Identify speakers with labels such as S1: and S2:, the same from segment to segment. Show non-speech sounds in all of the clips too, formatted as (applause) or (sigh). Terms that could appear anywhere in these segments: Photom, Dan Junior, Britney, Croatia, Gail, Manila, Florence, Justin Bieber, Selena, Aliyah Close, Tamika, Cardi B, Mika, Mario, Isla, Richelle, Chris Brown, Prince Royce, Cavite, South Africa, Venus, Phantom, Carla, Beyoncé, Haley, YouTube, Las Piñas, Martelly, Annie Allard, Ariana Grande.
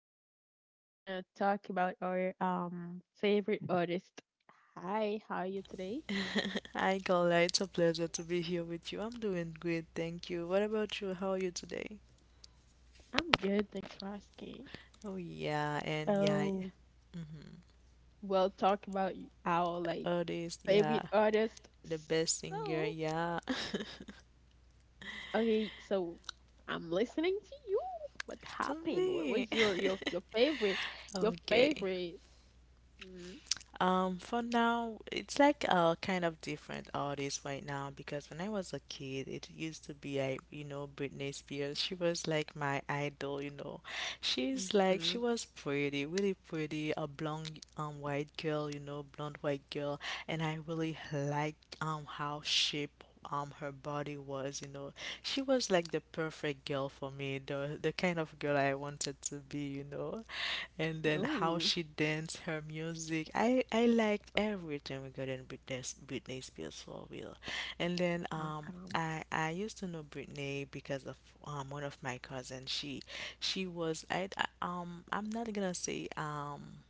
S1: So today we're going to talk about our favorite artist. Hi, how are you today?
S2: (laughs) Hi, Carla. It's a pleasure to be here with you. I'm doing great, thank you. What about you? How are you today?
S1: I'm good. Thanks for asking.
S2: Oh, yeah, and yeah, yeah.
S1: So we'll talk about our like
S2: Artist, yeah,
S1: favorite artist.
S2: the best
S1: So,
S2: singer, yeah,
S1: okay. So I'm listening to you. What
S2: (laughs) to
S1: happened? What
S2: me.
S1: was your,
S2: (laughs)
S1: your, your favorite, your
S2: Okay.
S1: favorite?
S2: For now, it's like kind of different artist right now because when I was a kid, it used to be I Britney Spears. She was like my idol, She's like
S1: Mm-hmm.
S2: she was pretty, really pretty, a blonde white girl, you know, blonde white girl, and I really liked how shape her body was, you know, she was like the perfect girl for me, the kind of girl I wanted to be, you know. And then how
S1: Oh,
S2: she danced, her music. I liked everything regarding Britney Spears for real. And then
S1: okay.
S2: I used to know Britney because of one of my cousins. She was I I'm not gonna say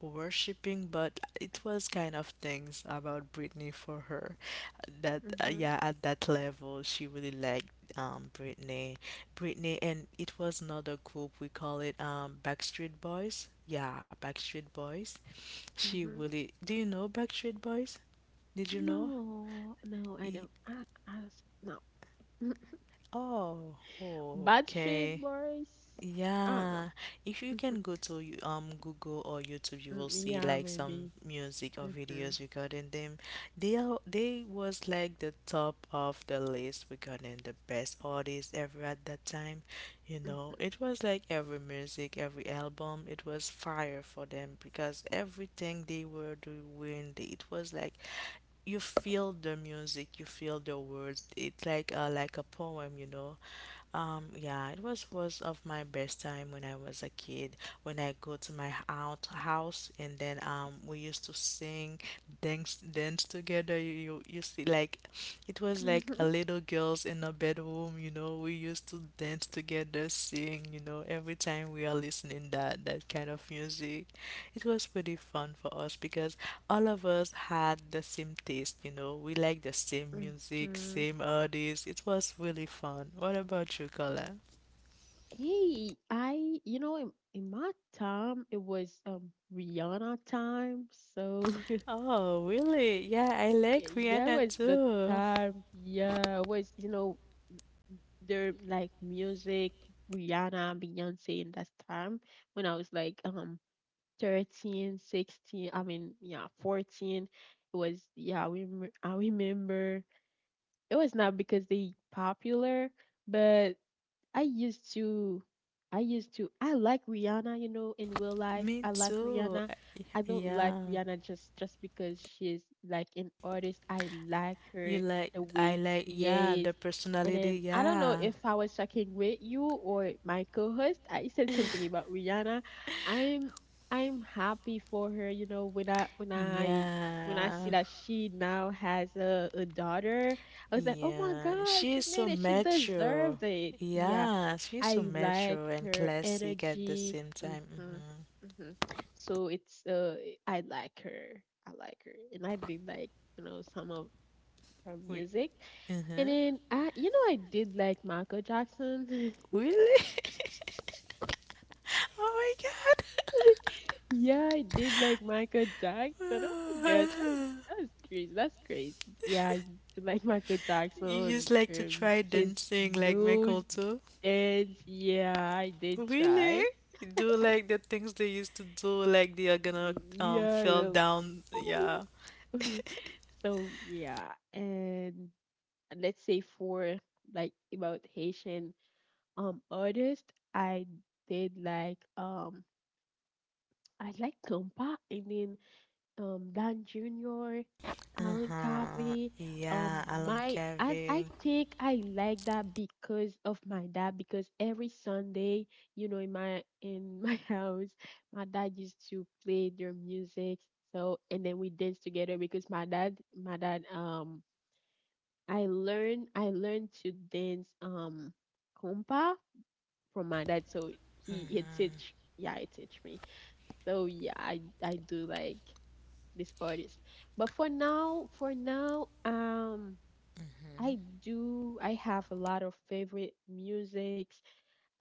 S2: worshipping, but it was kind of things about Britney for her that
S1: Mm-hmm,
S2: yeah, at that level she really liked Britney. Britney, and it was another group we call it Backstreet Boys. Yeah, Backstreet Boys. She
S1: mm-hmm.
S2: really. Do you know Backstreet Boys? Did you know?
S1: No, no, I
S2: E-
S1: don't. No.
S2: oh,
S1: (laughs) Bad Street
S2: okay.
S1: Boys? I don't
S2: Yeah,
S1: know.
S2: if you
S1: (laughs)
S2: can
S1: Mhm,
S2: go to Google or YouTube, you will
S1: mm,
S2: see
S1: yeah,
S2: like some
S1: maybe.
S2: music or
S1: Mm-hmm,
S2: videos regarding them. They are, they was like the top of the list regarding the best artists ever at that time. You know, it was like every music, every album, it was fire for them because everything they were doing, they- it was like you feel the music, you feel the words. It's like a poem, you know. Yeah, it was of my best time when I was a kid. When I go to my aunt house and then we used to sing, dance, dance together. You see like, it was like
S1: mm-hmm.
S2: a little girls in a bedroom. You know, we used to dance together, sing. You know, every time we are listening that kind of music, it was pretty fun for us because all of us had the same taste, you know. We liked the
S1: (laughs)
S2: same music,
S1: Mm-hmm.
S2: same artists. It was really fun. What about you, Carla?
S1: Hey, I, you know, in my time, it was Rihanna time, so
S2: Oh, really? Yeah, I
S1: (laughs)
S2: like
S1: yeah, it
S2: Rihanna
S1: was the
S2: too.
S1: time. Yeah, it was, you know, their like music, Rihanna, Beyonce in that time when I was like 13, 16. I mean yeah, 14. It was yeah, we I remember it was not because they popular, but I used to, I used to, I like Rihanna, you know, in real life.
S2: Me
S1: I like
S2: too.
S1: Rihanna.
S2: I-
S1: I don't like
S2: Yeah.
S1: Rihanna just because she's like an artist. I like
S2: You
S1: her
S2: like,
S1: the
S2: I
S1: way
S2: like,
S1: she
S2: yeah,
S1: is.
S2: the
S1: And
S2: personality,
S1: then I don't know
S2: yeah.
S1: if I was talking with you or my co-host. I said something about Rihanna. I'm I'm happy for her, you know, when I see
S2: Yeah.
S1: that she now has a daughter. I was like, oh my
S2: Yeah.
S1: God,
S2: She
S1: she
S2: is so
S1: made it. She
S2: mature.
S1: deserved it. Yeah,
S2: Yeah, she's so
S1: I like
S2: mature and
S1: her
S2: classic at the
S1: energy.
S2: same time. Mm-hmm.
S1: So it's I like her. I like her, and I did like you know some of her
S2: We,
S1: music. And
S2: uh-huh.
S1: then I did like Michael Jackson. (laughs)
S2: Really? Oh my
S1: Yeah, I did like Michael Jackson. Oh my gosh,
S2: god. (laughs)
S1: that's crazy. That's crazy. Yeah, I used to like Michael
S2: You
S1: Jackson.
S2: just like to try
S1: His
S2: dancing like Michael
S1: moves,
S2: too?
S1: dance. Yeah, I did
S2: Really?
S1: try.
S2: You do like the things they used to do, like they are gonna
S1: Yeah,
S2: fell
S1: yeah.
S2: down. Yeah.
S1: Oh (laughs) so yeah, and let's say for like about Haitian artist, I did like um I like Compa and then Dan Junior, Alan
S2: Uh-huh.
S1: Covey.
S2: Yeah, Alan
S1: My I
S2: Carey.
S1: think I like that because of my dad because every Sunday, you know, in my (laughs) house, my dad used to play their music. So and then we dance together because my dad I learned to dance compa from my dad, so he teach, yeah, he teach me. So yeah, I do like this artist, but for now I do I have a lot of favorite music.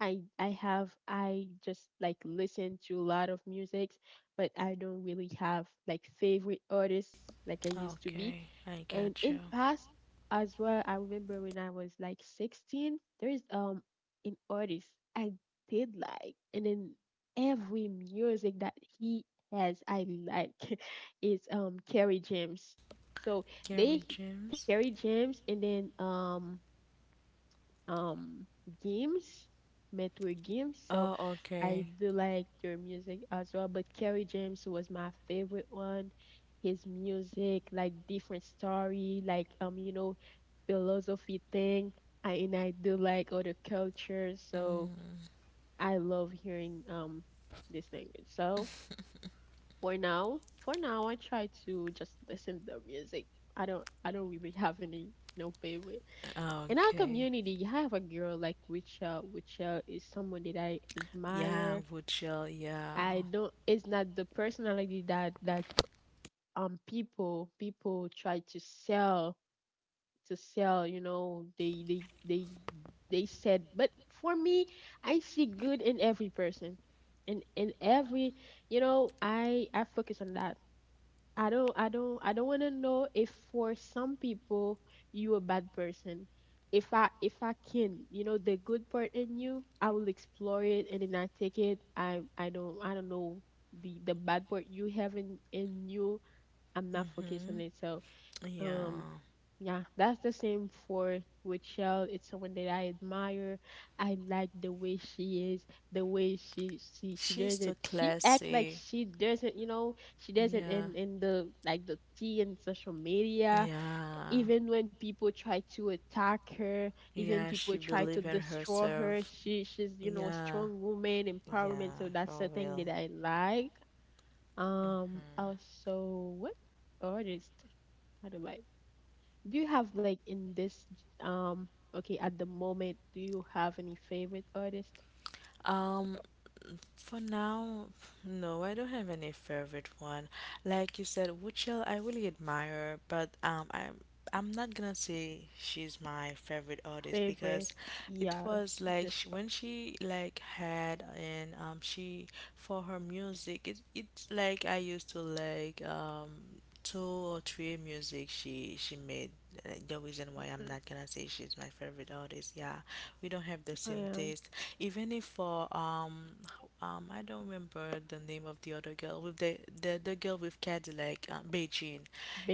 S1: I just like listen to a lot of music, but I don't really have like favorite artists like I used to be.
S2: Okay, I
S1: And
S2: got you.
S1: in past as well, I remember when I was like 16, there is an artist I did like, and then every music that he has I like (laughs) is Kerry James. So they
S2: Gary James.
S1: Kerry James and then um games, metal games. So
S2: Oh,
S1: I
S2: okay.
S1: do like their music as well. But Kerry James was my favorite one. His music, like different story, like you know, philosophy thing. I and I do like other cultures, so
S2: Mm.
S1: I love hearing this language. So for now I try to just listen to the music. I don't really have any no favorite in our
S2: Okay.
S1: community. I have a girl like Richelle. Richelle is someone that I
S2: Yeah,
S1: admire.
S2: Woodshell, yeah.
S1: I don't, it's not the personality that people try to sell, you know, they said. But for me, I see good in every person. In every, you know, I focus on that. I don't wanna know if for some people you a bad person. If I can, you know, the good part in you, I will explore it and then I take it. I don't know the bad part you have in you. I'm not focused on
S2: Mm-hmm.
S1: it. So um
S2: Yeah.
S1: yeah, that's the same for with Shell. It's someone that I admire. I like the way she is, the way she she she
S2: She's
S1: doesn't
S2: so
S1: she act like
S2: classy.
S1: she doesn't, you know, she doesn't
S2: Yeah.
S1: in the like the tea and social media.
S2: Yeah.
S1: Even when people try to attack her, even
S2: Yeah,
S1: people
S2: she
S1: try to
S2: believe in
S1: destroy her,
S2: herself.
S1: she's you know a
S2: Yeah.
S1: strong woman empowerment. So
S2: Yeah,
S1: that's the
S2: for
S1: thing that
S2: real.
S1: I like. Also what artist? How do I? Do you have like in this okay at the moment do you have any favorite artist?
S2: Um, for now, no, I don't have any favorite one. Like you said, Wuchel, I really admire, but I'm not gonna say she's my favorite artist because
S1: Favorite.
S2: it
S1: Yeah,
S2: was like
S1: just
S2: she, when she like had and she for her music, it it's like I used to like two or three music she made the reason why I'm
S1: mhm,
S2: not gonna say she's my favorite artist. Yeah, we don't have the
S1: I
S2: same
S1: am
S2: taste, even if for I don't remember the name of the other girl with the girl with Cadillac, Beijing.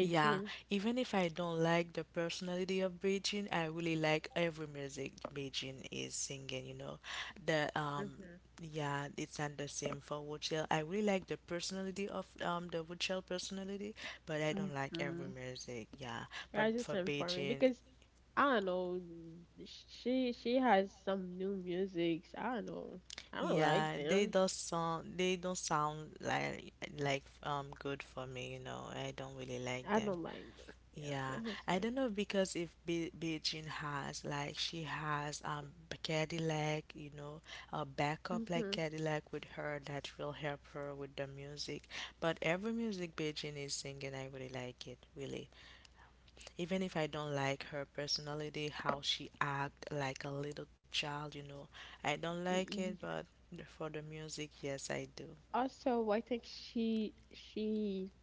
S2: Yeah, even if I don't like the personality of Beijing, I really like every music Beijing is singing. You know, the
S1: Mm-hmm.
S2: yeah, it's not the same for Wuchel. I really like the personality of the Wuchel personality, but I don't like every
S1: Mm-hmm.
S2: music. Yeah, but
S1: That's just
S2: for
S1: informing
S2: Beijing,
S1: because I don't know. She has some new musics. I don't know. I don't like
S2: yeah, they
S1: them.
S2: don't sound they don't sound like good for me, you know. I don't really like
S1: I
S2: them.
S1: don't like them. Yeah,
S2: Yeah,
S1: that's the
S2: I
S1: same.
S2: don't know because if Be Beijing has like she has a Cadillac, you know, a backup like
S1: Mm-hmm.
S2: Cadillac with her that will help her with the music. But every music Beijing is singing, I really like it, really, even if I don't like her personality, how she act like a little child, you know, I don't like it, but for the music, yes, I do.
S1: Also, I think she she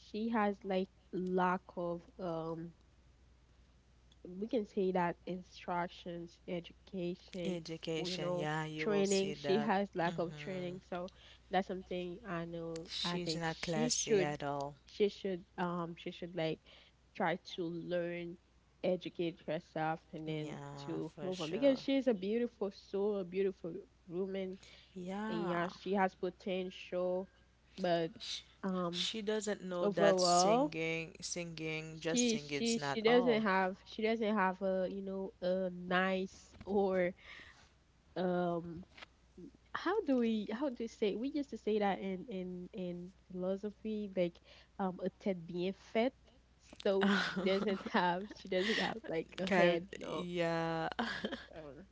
S1: she has like lack of we can say that instructions, education, you
S2: Education,
S1: know,
S2: yeah, you will
S1: training.
S2: see
S1: She
S2: that.
S1: has lack of
S2: Hmm.
S1: training, so that's something I know. I
S2: She's
S1: think
S2: not
S1: she
S2: classy
S1: should,
S2: at all.
S1: she should, she should like try to learn, educate herself, and then
S2: Yeah,
S1: to
S2: for
S1: move on because
S2: sure.
S1: she's a beautiful soul, a beautiful woman, and
S2: Yeah.
S1: yeah, she has potential, but
S2: She,
S1: um,
S2: she doesn't know that
S1: overall
S2: singing, singing, just
S1: she
S2: singing is
S1: she
S2: not
S1: she doesn't
S2: all.
S1: have, a you know a nice or um how do we say we used to say that in philosophy like a tête bien faite, so
S2: (laughs)
S1: she doesn't have like a head.
S2: Kind-
S1: No,
S2: yeah. (laughs)
S1: um,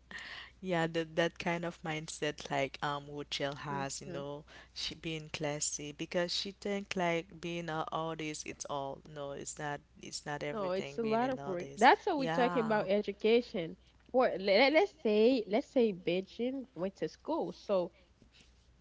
S2: Yeah, that that kind of mindset like Woodchill has, you
S1: mhm.
S2: know, she being classy because she think like being a artist it's all. No, it's not, it's not
S1: No
S2: everything
S1: it's a
S2: being
S1: lot
S2: an
S1: of work.
S2: artist.
S1: That's what we're talking about,
S2: Yeah.
S1: education. For let, let's say Beijing went to school. So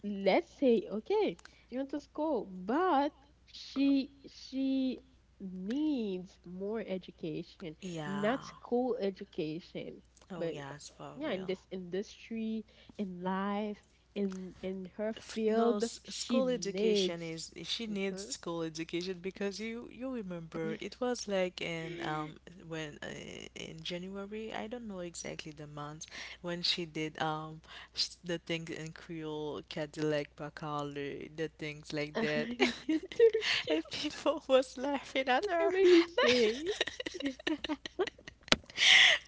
S1: let's say, okay, you went to school but she needs more education,
S2: Yeah.
S1: not school education,
S2: Oh
S1: but
S2: yes, for
S1: yeah in
S2: real.
S1: this industry, in life, in her
S2: No,
S1: field she
S2: school education
S1: needs.
S2: is if she needs
S1: Mhm.
S2: school education because you remember it was like in when in January I don't know exactly the month when she did the things in Creole Cadillac Bacale the things
S1: (laughs)
S2: like
S1: An
S2: that
S1: interview,
S2: (laughs) and people was laughing at
S1: (laughs) or
S2: her.
S1: maybe she (laughs)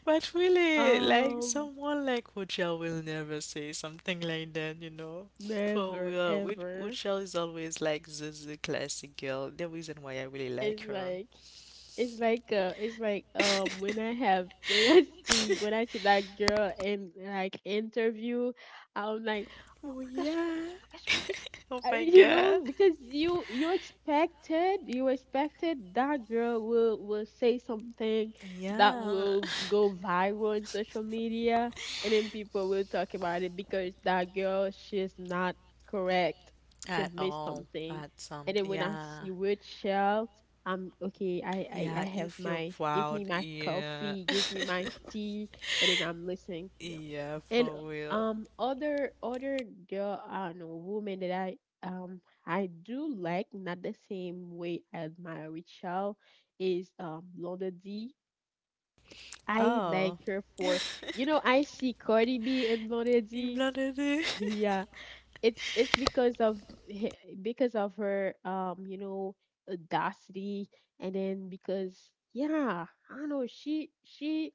S2: But really, like
S1: um
S2: someone like Hochel will never say something like that, you know. For
S1: never
S2: real,
S1: ever.
S2: Hochel is always like the classic girl. The reason why I really like
S1: It's
S2: her.
S1: like, it's like when I have (laughs) when I see that girl in like interview, I'm like, oh
S2: Oh
S1: my gosh, oh my
S2: yeah.
S1: gosh, oh my gosh, oh my gosh.
S2: Oh my
S1: You
S2: god.
S1: know, because you expected, that girl will say something that
S2: Yeah.
S1: will go viral on social media, and then people will talk about it because that girl she's not correct, she
S2: At
S1: missed
S2: all.
S1: something.
S2: At some.
S1: And then when I
S2: Yeah.
S1: see Rachel I'm okay. I
S2: Yeah. You
S1: have
S2: feel
S1: my, give
S2: proud.
S1: me my
S2: Yeah.
S1: coffee, give me my tea, and then I'm listening.
S2: (laughs)
S1: Yeah,
S2: Yeah.
S1: and
S2: For real.
S1: other girl I don't know woman that I do like not the same way I admire Rachel is London D. I
S2: Oh.
S1: like
S2: (laughs)
S1: her for you know I see Cardi B and London
S2: You
S1: D.
S2: blundered.
S1: Yeah, it's because of hi- because of her you know audacity and then because yeah I don't know she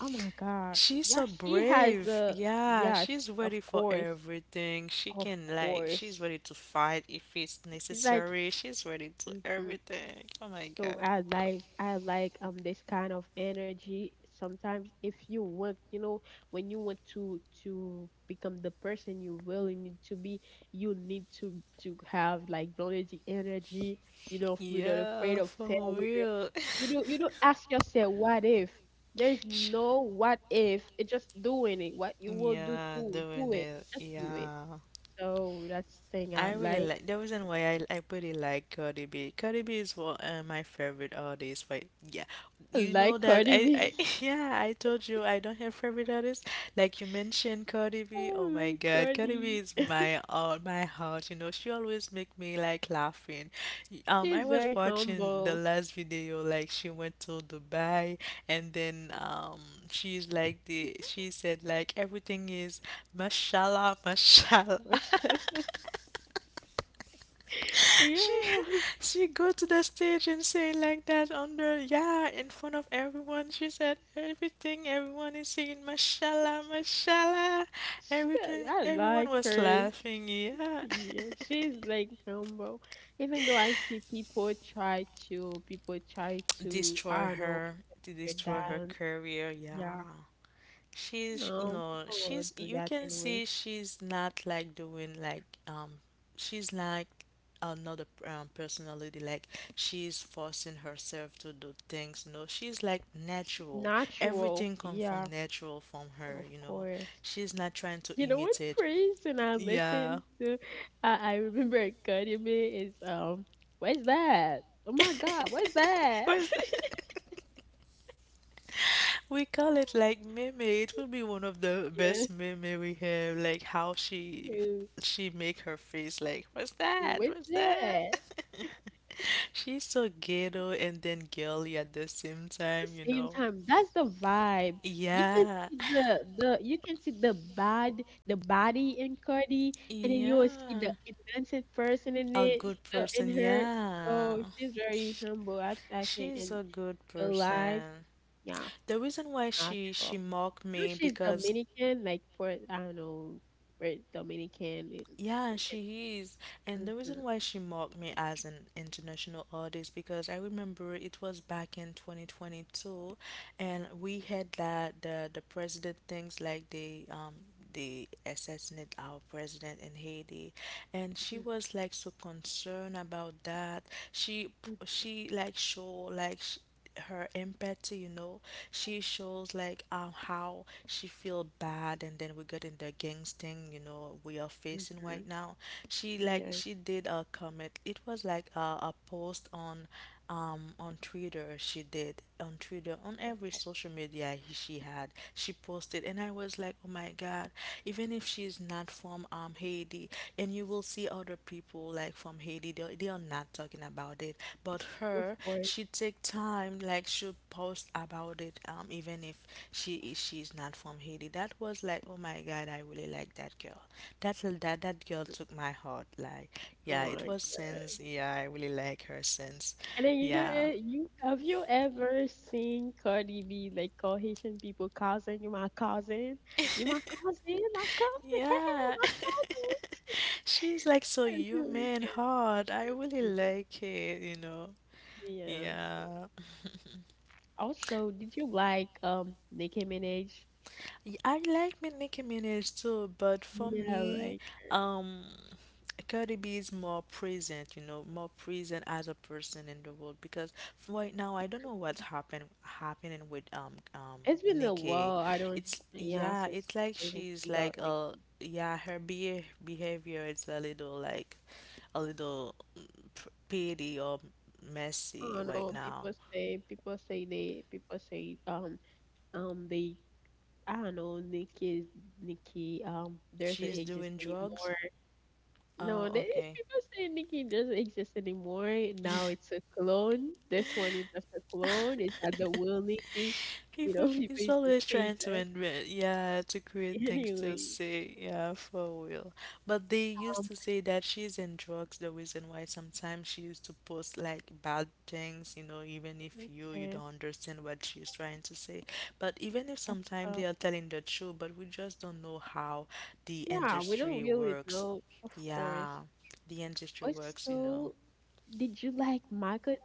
S1: oh my god
S2: She's
S1: yeah
S2: so
S1: she has
S2: brave.
S1: a
S2: Yeah,
S1: yeah
S2: she's
S1: of
S2: ready for
S1: course,
S2: everything. She
S1: of
S2: can, like, she's
S1: course,
S2: ready to fight if it's
S1: it's like
S2: necessary. She's ready to
S1: mhm.
S2: everything. Oh my
S1: So
S2: God.
S1: I like this kind of energy. Sometimes if you want, you know, when you want to become the person you really need to be, you need to have like bloody energy. You know, without afraid
S2: Yeah,
S1: of
S2: for
S1: failure.
S2: real.
S1: You don't ask yourself what if. There's
S2: (laughs)
S1: no what if. It's just doing it. What you will do,
S2: Yeah,
S1: do
S2: doing
S1: it.
S2: it.
S1: Just do it.
S2: Yeah.
S1: So that's the thing I
S2: I really
S1: like.
S2: like the reason why I pretty like Cardi B. Cardi B is one my favorite artist. But yeah,
S1: I
S2: you know
S1: like
S2: that
S1: Cardi
S2: I
S1: B.
S2: (laughs) yeah I told you I don't have favorite artist. Like you mentioned Cardi
S1: (laughs)
S2: B.
S1: I
S2: Oh my
S1: like
S2: God, Cardi B
S1: Cardi.
S2: is my my heart. You know she always make me like laughing. I
S1: She's
S2: was
S1: very
S2: watching the
S1: humble.
S2: last video like she went to Dubai and then she said like everything is Mashallah, mashallah.
S1: (laughs) Shit.
S2: (laughs) She
S1: Yeah,
S2: she go to the stage and say like that under, yeah, in front of everyone. She said everything everyone is saying mashallah, mashallah. Everything
S1: I
S2: everyone
S1: like
S2: was
S1: her.
S2: laughing. Yeah.
S1: Yeah, she's like humble. Even though I see people try
S2: (laughs)
S1: to,
S2: Destroy
S1: I don't know,
S2: her. To
S1: her
S2: destroy her
S1: down.
S2: career. Yeah.
S1: Yeah,
S2: She's
S1: no,
S2: no,
S1: people will
S2: she's,
S1: do
S2: you
S1: that
S2: can
S1: anyway.
S2: see she's not like doing like she's like another personality, like she's forcing herself to do things. No, she's like natural,
S1: Natural.
S2: everything come from
S1: Yeah,
S2: natural from her,
S1: of
S2: you know,
S1: course.
S2: she's not trying to
S1: You know, one
S2: imitate,
S1: person I
S2: yeah.
S1: listen to, I remember it cut in is what's that? Oh my God,
S2: (laughs)
S1: what's that?
S2: Where's that.
S1: (laughs)
S2: We call it like meme. It will be one of the
S1: Yeah.
S2: best meme we have. Like how
S1: Who
S2: she make her face like, what's
S1: who
S2: that?
S1: was
S2: What's that?
S1: that?
S2: (laughs) She's so ghetto and then girly at the same
S1: The
S2: time, you
S1: same
S2: know.
S1: time. That's the vibe. You can
S2: Yeah.
S1: see the you can see the bad the body in Cardi, and then you will see the
S2: Yeah.
S1: innocent person in
S2: A
S1: it.
S2: good
S1: So in
S2: person,
S1: her,
S2: yeah.
S1: so she's very humble. I think
S2: She's
S1: in
S2: a good
S1: real life,
S2: person.
S1: yeah,
S2: The reason why
S1: it's
S2: she
S1: natural.
S2: mocked
S1: No,
S2: me
S1: she's
S2: because
S1: Dominican, like Port. I don't know, Port Dominican, in
S2: yeah,
S1: African.
S2: she is. And the
S1: Mhm,
S2: reason why she mocked me as an international artist, because I remember it was back in 2022 and we had that the president things, like they assassinate our president in Haiti, and she was like so concerned about that. She
S1: mhm,
S2: she like show like sh her empathy, you know, she shows like how she feel bad and then we get in the gangs thing you know we are facing
S1: mhm.
S2: right now. She like
S1: Yeah.
S2: she did a comment, it was like a post on Twitter. She did on Twitter, on every
S1: Okay.
S2: social media she had, she posted, and I was like, oh my God! Even if she's not from Haiti, and you will see other people like from Haiti, they are not talking about it, but
S1: Of
S2: her,
S1: course.
S2: she take time, like she post about it, even if she's not from Haiti. That was like, oh my God, I really like that girl. That girl took my heart. Like,
S1: Oh
S2: yeah, it
S1: my
S2: was since,
S1: God.
S2: yeah, I really like her since,
S1: And then you know,
S2: yeah.
S1: eh, you have you ever seen Cardi B like call Haitian people cousin? You my cousin? You my
S2: (laughs)
S1: cousin? My cousin? (laughs) Hey, hey,
S2: Yeah.
S1: my cousin?
S2: (laughs) She's like so
S1: (laughs) And like
S2: human
S1: that.
S2: hard. I really
S1: Mhm.
S2: like it, you know.
S1: Yes.
S2: Yeah. (laughs)
S1: Also, did you like Nicki Minaj?
S2: I like Nicki Minaj too, but for
S1: Yeah,
S2: me,
S1: like her.
S2: um, Cardi B is more present, you know, more present as a person in the world because right now I don't know what's happening with
S1: It's been a
S2: Nicki.
S1: while. I don't
S2: It's
S1: yeah
S2: yeah,
S1: since
S2: it's like
S1: hear
S2: she's
S1: anything about
S2: like
S1: Nicki.
S2: yeah, her be behavior is a little like a little petty or
S1: I
S2: messy
S1: don't
S2: right
S1: know.
S2: now.
S1: People say they I don't know, Nikki, doesn't
S2: She's
S1: exist
S2: doing drugs.
S1: anymore. No,
S2: Oh,
S1: there is
S2: okay.
S1: people say Nikki doesn't exist anymore. Now it's a clone. This one is just a clone. Is
S2: (laughs)
S1: that the will Nikki? You
S2: People
S1: know, (laughs) people
S2: is
S1: used to
S2: always
S1: say
S2: trying to
S1: that.
S2: invent, yeah, to create things to
S1: Anyway,
S2: say, yeah, for real. But they used
S1: um,
S2: to say that she's in drugs, the reason why sometimes she used to post like bad things, you know, even if you you
S1: okay.
S2: don't understand what she's trying to say. But even if
S1: That's,
S2: sometimes
S1: uh,
S2: they are telling the truth, but we just don't know how the
S1: so, yeah, we don't
S2: industry
S1: really
S2: works.
S1: know, of course.
S2: Yeah, the industry works,
S1: Also, did you like Michael?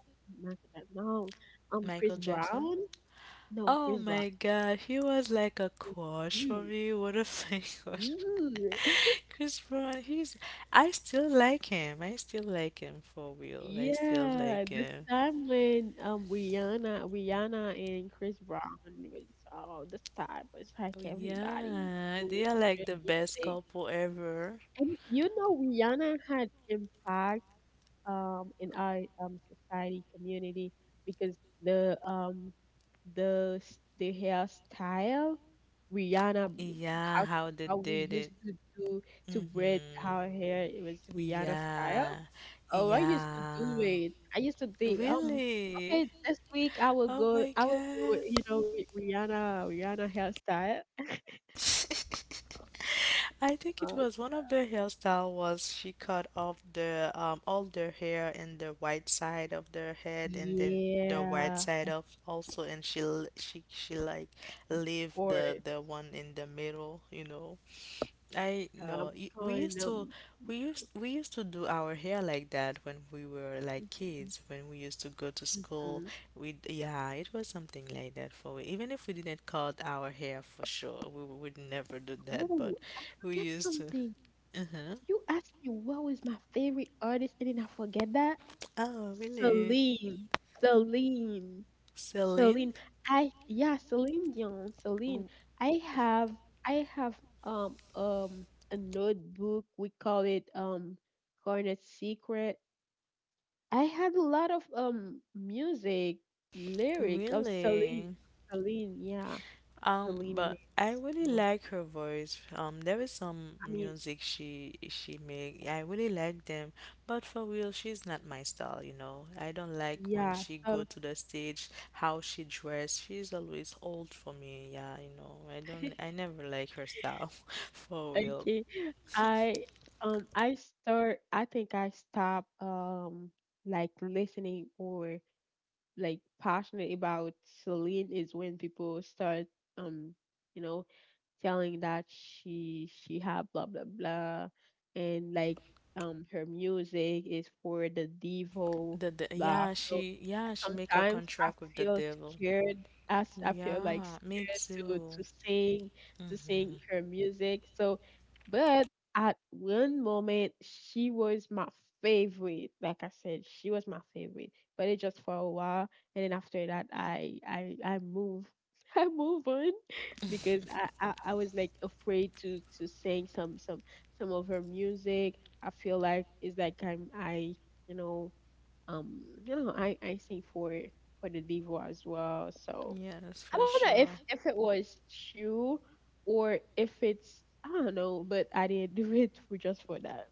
S1: Michael, Jackson, no,
S2: Michael
S1: Chris
S2: Jackson?
S1: Brown? No,
S2: Oh
S1: Chris Brown.
S2: my god, he was like a crush for
S1: Ooh,
S2: me. (laughs) What a fake crush.
S1: ooh. (laughs)
S2: (laughs) Chris Brown, he's I still like him. I still like him for real. I still
S1: Yeah,
S2: like
S1: the
S2: him.
S1: time when Rihanna and Chris Brown was oh, this time was like
S2: Oh
S1: everybody used to
S2: yeah,
S1: listen
S2: they are
S1: to
S2: like the
S1: their
S2: best
S1: music.
S2: couple ever.
S1: And you know Rihanna had impact in our society community because the um the hairstyle Rihanna,
S2: Yeah,
S1: how
S2: how they
S1: how we
S2: did
S1: used
S2: it.
S1: to do to braid
S2: Mm-hmm.
S1: our hair, it was Rihanna style.
S2: Yeah.
S1: Oh, I used to do
S2: Yeah.
S1: it. I used to think,
S2: Really?
S1: okay, this week
S2: Oh my
S1: I will go,
S2: god.
S1: with, with Rihanna hairstyle. (laughs)
S2: (laughs) I think it
S1: Uh,
S2: was one of the hairstyle was she cut off the all the hair in the white side of their head and then the white
S1: yeah,
S2: side
S1: of
S2: of also and she l- she like leave the
S1: course.
S2: the one in the middle, I know
S1: Um, kind
S2: we used to do our hair like that when we were like kids when we used to go to school
S1: mm.
S2: we yeah it was something like that for even if we didn't cut our hair for sure we would never do that but
S1: Oh, I
S2: we
S1: forget
S2: used to
S1: something.
S2: uh-huh.
S1: You asked me what was my favorite artist, and then I forget that.
S2: Oh really.
S1: Celine, Celine.
S2: Celine.
S1: Celine, I yeah, Celine Dion, Celine.
S2: W-
S1: I have I have um a notebook. We call it Garnet Secret. I had a lot of music lyrics of Celine,
S2: Really.
S1: Celine, yeah, Celine in
S2: But
S1: it.
S2: I really
S1: So,
S2: like her voice. There is some
S1: I mean,
S2: music she make. Yeah, I really like them, but for real, she's not my style, I don't like when
S1: yeah.
S2: she go
S1: So
S2: to the stage, how she dress. She's always old for me. Yeah, you know. I don't.
S1: (laughs)
S2: I never like her style, (laughs) for real.
S1: okay, I I start. I think I stop like listening or like passionate about Celine is when people start um you know telling that she have blah blah blah and like her music is for the devo
S2: The
S1: blah, so
S2: yeah she make a
S1: sometimes I
S2: contract with the
S1: feel
S2: devil.
S1: scared, as I feel like
S2: Yeah, me
S1: scared to
S2: too.
S1: to sing to sing her music, so but at one moment she was my favorite, like I said she was my favorite, but it just for a while. And then after that I move (laughs) I move on
S2: (laughs)
S1: because I was like afraid to sing some some of her music. I feel like it's like I'm I you know you know I sing for the diva as well. So
S2: Yes, for
S1: I don't know if
S2: sure.
S1: if it was true, or if it's I don't know, but I didn't (laughs) do it for just for that.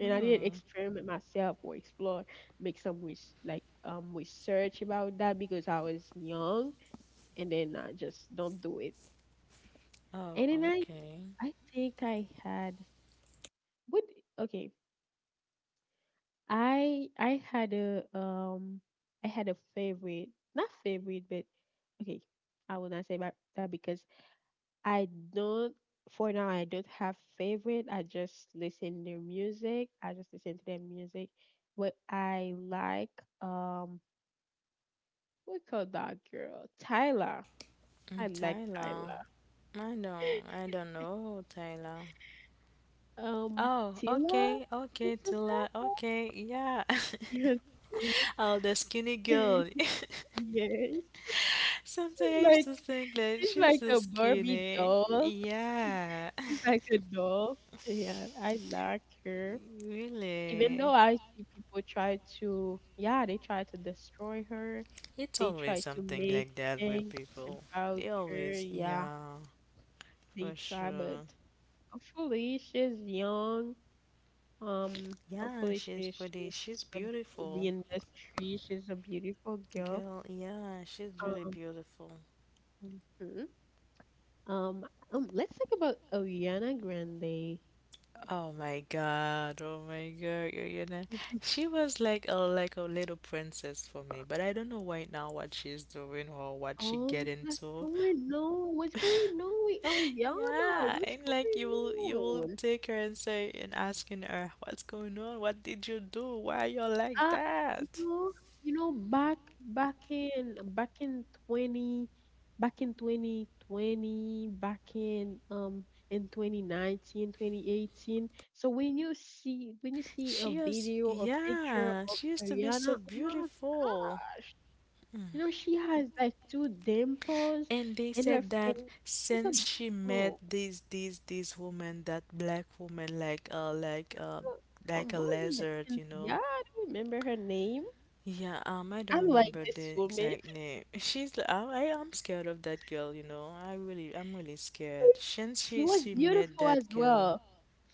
S1: And I didn't
S2: Mm.
S1: experiment myself or explore, make like research about that because I was young, and then I just don't do it.
S2: Oh,
S1: And then
S2: okay.
S1: I think I had what, okay. I I had a um I had a favorite, not favorite, but okay. I will not say about that because I don't, for now I don't have favorite. I just listen their music. I just listen to their music. What I like, um we call that girl Tyler. I
S2: Mm,
S1: like
S2: Tyler,
S1: Tyler.
S2: I don't know Tyler.
S1: Um
S2: Oh,
S1: Tila?
S2: okay, okay,
S1: What's
S2: Tyler,
S1: that?
S2: okay, yeah. (laughs)
S1: (laughs) Yes. Tyla.
S2: Oh, the skinny girl.
S1: (laughs)
S2: (laughs)
S1: Yes.
S2: Sometimes I used
S1: Like,
S2: to think that
S1: she's
S2: she's
S1: like
S2: so
S1: a Barbie
S2: skinny.
S1: doll. (laughs)
S2: Yeah,
S1: She's like a doll. Yeah, I like her.
S2: (laughs)
S1: Even though
S2: really.
S1: I see people try to, yeah, they try to destroy her.
S2: It's
S1: They
S2: always
S1: try to
S2: something
S1: make
S2: like that with
S1: things
S2: people.
S1: about
S2: They
S1: her.
S2: always,
S1: Yeah,
S2: yeah,
S1: they
S2: for
S1: try, but
S2: sure.
S1: hopefully she's young.
S2: Yeah,
S1: Hopefully
S2: she's pretty.
S1: she
S2: She's
S1: got the
S2: beautiful.
S1: industry. She's a beautiful girl.
S2: Girl, yeah, she's really
S1: Um,
S2: beautiful.
S1: mhm. Um, let's talk about Ariana Grande.
S2: Oh my god, you know, she was like a little princess for me, but I don't know right now what she's doing or what she get
S1: Oh, what's
S2: into.
S1: going on? What's going on with Ariana?
S2: Yeah,
S1: What's
S2: and like
S1: going
S2: you will
S1: on?
S2: take her and say and asking her what's going on, what did you do, why you're like
S1: Uh, you
S2: that?
S1: know, back in 20, back in 2020, back in 2019, 2018. So when you see a
S2: She was
S1: video or picture
S2: yeah,
S1: of
S2: she used to be
S1: Ariana,
S2: so
S1: oh my
S2: beautiful.
S1: gosh. You know, she has like 2 dimples
S2: And they
S1: in her
S2: said that
S1: face. She's a
S2: since she met
S1: oh,
S2: this woman, that black woman, like like a
S1: Wasn't it
S2: lizard,
S1: Cynthia? I don't remember her name.
S2: Yeah, I don't
S1: I like
S2: remember the
S1: this woman.
S2: exact name. (laughs) She's I'm scared of that girl, I really I'm really scared.
S1: (laughs)
S2: Since
S1: She
S2: she
S1: was
S2: she met
S1: beautiful
S2: that
S1: as
S2: girl,
S1: well.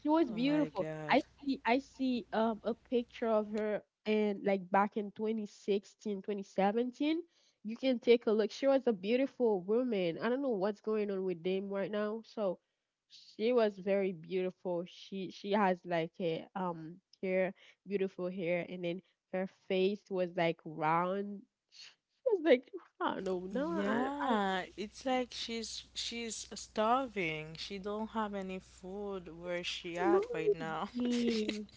S1: She was
S2: oh my
S1: beautiful.
S2: God.
S1: I see a picture of her and like back in 2016, 2017. You can take a look. She was a beautiful woman. I don't know what's going on with them right now. So she was very beautiful. She has like a hair, beautiful hair, and then her face was like round. She was like I don't know. No, I don't
S2: Yeah, it's
S1: understand.
S2: like she's starving. She don't have any food where
S1: What's
S2: she
S1: going
S2: at
S1: on
S2: right
S1: with
S2: now.
S1: them?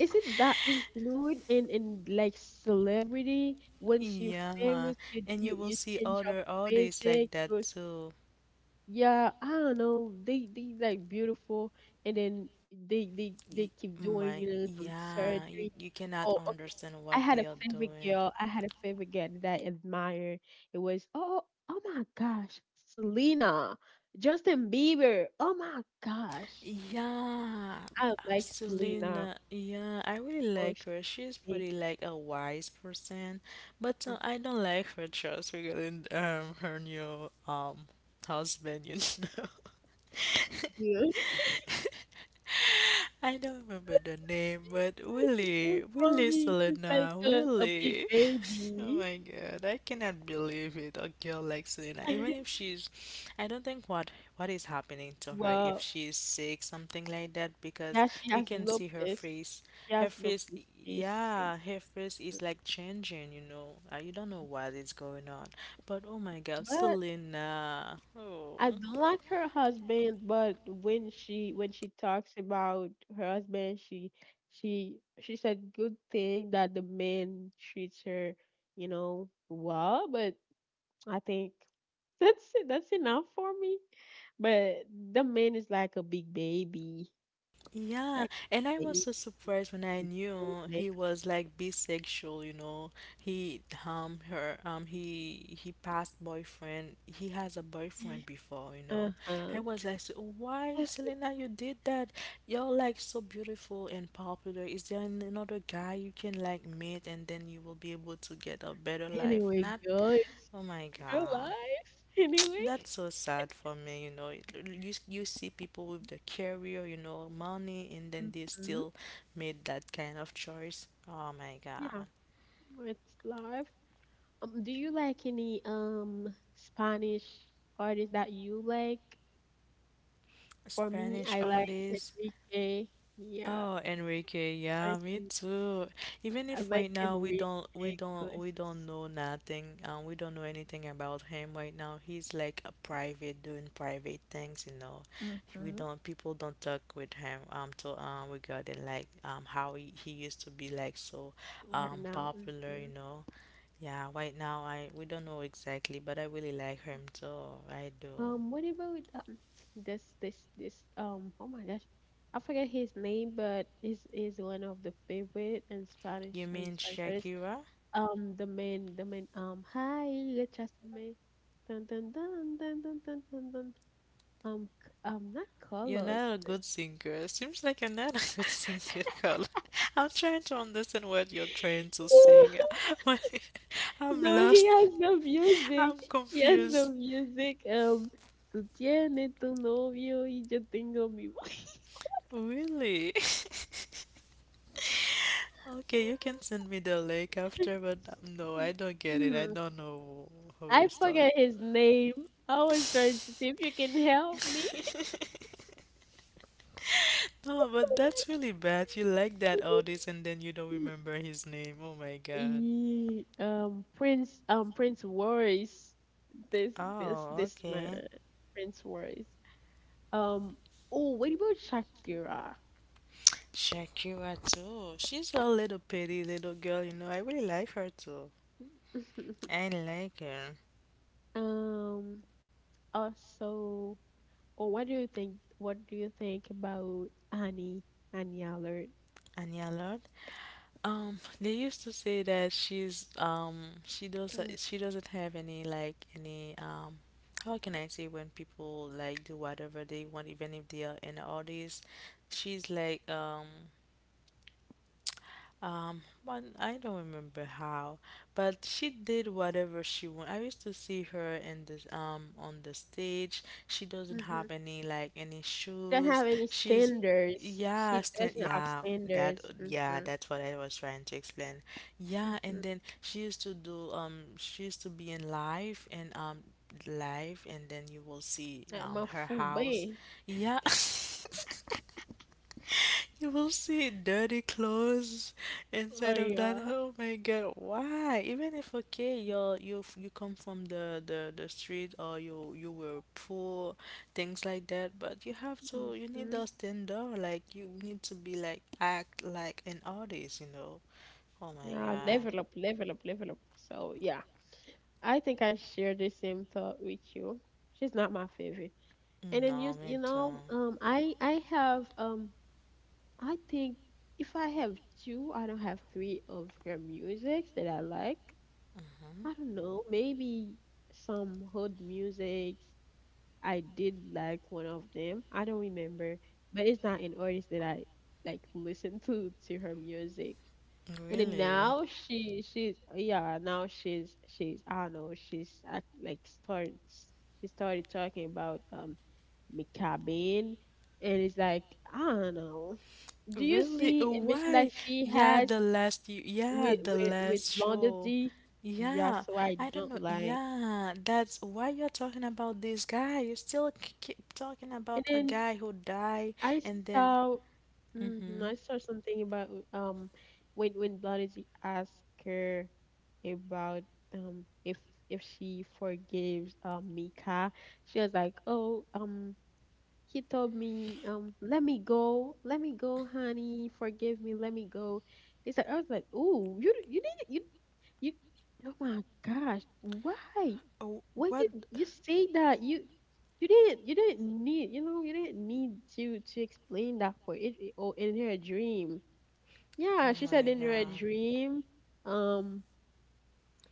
S1: Is it that include in like celebrity? Once you
S2: Yeah,
S1: famous,
S2: and you will
S1: you
S2: see
S1: change your
S2: other artists like
S1: physique.
S2: that
S1: Your,
S2: too.
S1: yeah, I don't know. They like beautiful, and then
S2: Y-
S1: they keep
S2: My,
S1: doing you know some
S2: yeah, you
S1: surgery.
S2: you cannot
S1: Oh, okay.
S2: understand
S1: I
S2: what
S1: had
S2: they
S1: a
S2: are
S1: favorite
S2: doing.
S1: girl. I had a favorite girl that I admire. It was oh, oh my gosh, Selena, Justin Bieber. Oh my gosh,
S2: Yeah,
S1: I like Selena.
S2: Selena. Yeah, I really
S1: Oh,
S2: like
S1: she's
S2: her. She's
S1: sick,
S2: pretty like a wise person, but I don't like her choice regarding her new husband. You know,
S1: dude. (laughs)
S2: (laughs) I don't remember the name, but
S1: It's the
S2: Willie,
S1: same for
S2: Willie
S1: me. He's like
S2: Selena,
S1: a big
S2: Willie. Oh
S1: baby.
S2: my god, I cannot believe it. A girl like Selena, even
S1: (laughs)
S2: if she's, I don't think what is happening to her if
S1: Wow.
S2: she's sick, something like that, because
S1: Yeah, she
S2: you
S1: has
S2: can see her
S1: lupus.
S2: face.
S1: She
S2: Her
S1: has
S2: face,
S1: lupus. She's sick.
S2: yeah, her face is like changing. You know, you don't know what is going on. But oh my god,
S1: But
S2: Selena. Oh.
S1: I don't like her husband. But when she talks about her husband, she said good thing that the man treats her, you know, well. But I think that's it. That's enough for me. But the man is like a big baby,
S2: Yeah,
S1: like a
S2: and I
S1: big
S2: was
S1: baby,
S2: so surprised when I
S1: big
S2: knew
S1: baby.
S2: he was like bisexual, He passed boyfriend. He has a boyfriend before,
S1: Man.
S2: I
S1: Uh-huh.
S2: was like, so "Why, Selena, you did that? You're like so beautiful and popular. Is there another guy you can like meet and then you will be able to get a better life?"
S1: Anyway,
S2: Not,
S1: guys,
S2: oh my
S1: it's your life.
S2: God.
S1: (laughs) Anyway,
S2: That's so sad for me, It- you see people with the career, you know, money, and then they
S1: hmm,
S2: still made that kind of choice. Oh my God.
S1: yeah. It's life. Do you like any Spanish artists that you like? For me,
S2: Spanish
S1: I like
S2: artists.
S1: Enrique. Yeah,
S2: Oh, Enrique,
S1: I
S2: yeah, me
S1: think
S2: too. Even
S1: I
S2: if
S1: like
S2: right now we don't we
S1: Enrique
S2: don't we don't
S1: Iglesias.
S2: know nothing, we don't know anything about him right now. He's like a private doing private things, We
S1: Mm-hmm.
S2: don't people don't talk with him to regarding like how he used to be like so
S1: Right now.
S2: popular,
S1: Hmm.
S2: Yeah, right now I we don't know exactly, but I really like him too. I do.
S1: What about this this this um oh my gosh, I forget his name, but he's is one of the favorite in Spanish
S2: You
S1: and
S2: mean
S1: Spanish artists.
S2: Shakira?
S1: The man hi recházame, dun dun dun dun dun dun dun dun. Not
S2: You're
S1: Carlos,
S2: not a
S1: but
S2: good singer. Seems like you're not a (laughs) good singer, girl. (laughs) I'm trying to understand what you're trying to sing.
S1: (laughs)
S2: (laughs) When- I'm
S1: no, he
S2: lost.
S1: has the music.
S2: I'm
S1: He has the
S2: confused.
S1: music. Tú tienes tu novio y yo tengo mi.
S2: Really? (laughs) Okay, you can send me the link after, but no, I don't get it. I
S1: (laughs) (clears throat)
S2: don't know how you
S1: I
S2: start.
S1: forget his name. I was trying to see if you can help me.
S2: (laughs) No, but that's really bad. You like that artist and then you don't remember his name. Oh my
S1: (laughs)
S2: god.
S1: Prince Royce. This, this,
S2: Oh,
S1: this man,
S2: okay.
S1: Prince Royce. Um, oh, what about Shakira?
S2: Shakira too. She's a little pretty little girl, I really like her too.
S1: (laughs)
S2: I like her.
S1: Um, also, oh, what do you think? What do you think about Annie? Annie Allard?
S2: And yeah, Lord. They used to say that she's she doesn't have any like any how can I say when people like do whatever they want even if they are an artist, she's like um. But I don't remember how. But she did whatever she wanted. I used to see her in this on the stage. She doesn't
S1: Mm-hmm.
S2: have any like any
S1: Don't have
S2: shoes.
S1: any
S2: She's
S1: standards. She
S2: yeah, stand,
S1: doesn't have
S2: yeah, that
S1: standards.
S2: yeah,
S1: Mm-hmm.
S2: that's what I was trying to explain. Yeah,
S1: Mm-hmm.
S2: and then she used to do she used to be in live and live and then you will see
S1: Eh, ما
S2: her
S1: فوق
S2: house.
S1: بيه.
S2: Yeah. (laughs) You will see dirty clothes
S1: Oh
S2: instead of that.
S1: yeah.
S2: Oh my God, why? Even if okay, you you come from the the street or you were poor, things like that. But you need
S1: Hmm.
S2: to stand out. Like you need to be like act like an artist. You know. Oh my
S1: Yeah,
S2: God.
S1: level up, level up, level up. So yeah, I think I share the same thought with you. She's not my favorite. And then you,
S2: No, me
S1: you
S2: too.
S1: know, I have, I think if I have two, I don't have three of her musics that I like.
S2: Hmm.
S1: I don't know, maybe some hood music, I did like one of them. I don't remember, but it's not an artist that I like listen to her music. And then
S2: Really?
S1: now she she's yeah, now she's I don't know, like starts, she started talking about McCabean, and it's like I don't know. Do you
S2: Really?
S1: see a mission that
S2: Why?
S1: she
S2: Yeah,
S1: has
S2: the last you yeah,
S1: with
S2: the
S1: with with
S2: last
S1: Blondie
S2: show.
S1: D? Yeah,
S2: Yeah,
S1: so I
S2: I don't
S1: don't
S2: know.
S1: like.
S2: Yeah, that's why you're talking about this guy. You still keep talking
S1: And
S2: about a
S1: then
S2: guy who died
S1: I
S2: and then
S1: saw hmm,
S2: mhm.
S1: I saw something about when Blondie asked her about um if if she forgives Mika, she was like, "Oh, he told me, let me go, honey, forgive me, let me go." It's like I was like, ooh, you didn't you you oh my gosh, why?
S2: Oh,
S1: Why
S2: what?
S1: you you say that? You you didn't need you know, you didn't need to explain that, for it, it oh in her dream.
S2: Oh
S1: Yeah, she said
S2: my
S1: in her
S2: God.
S1: dream, um,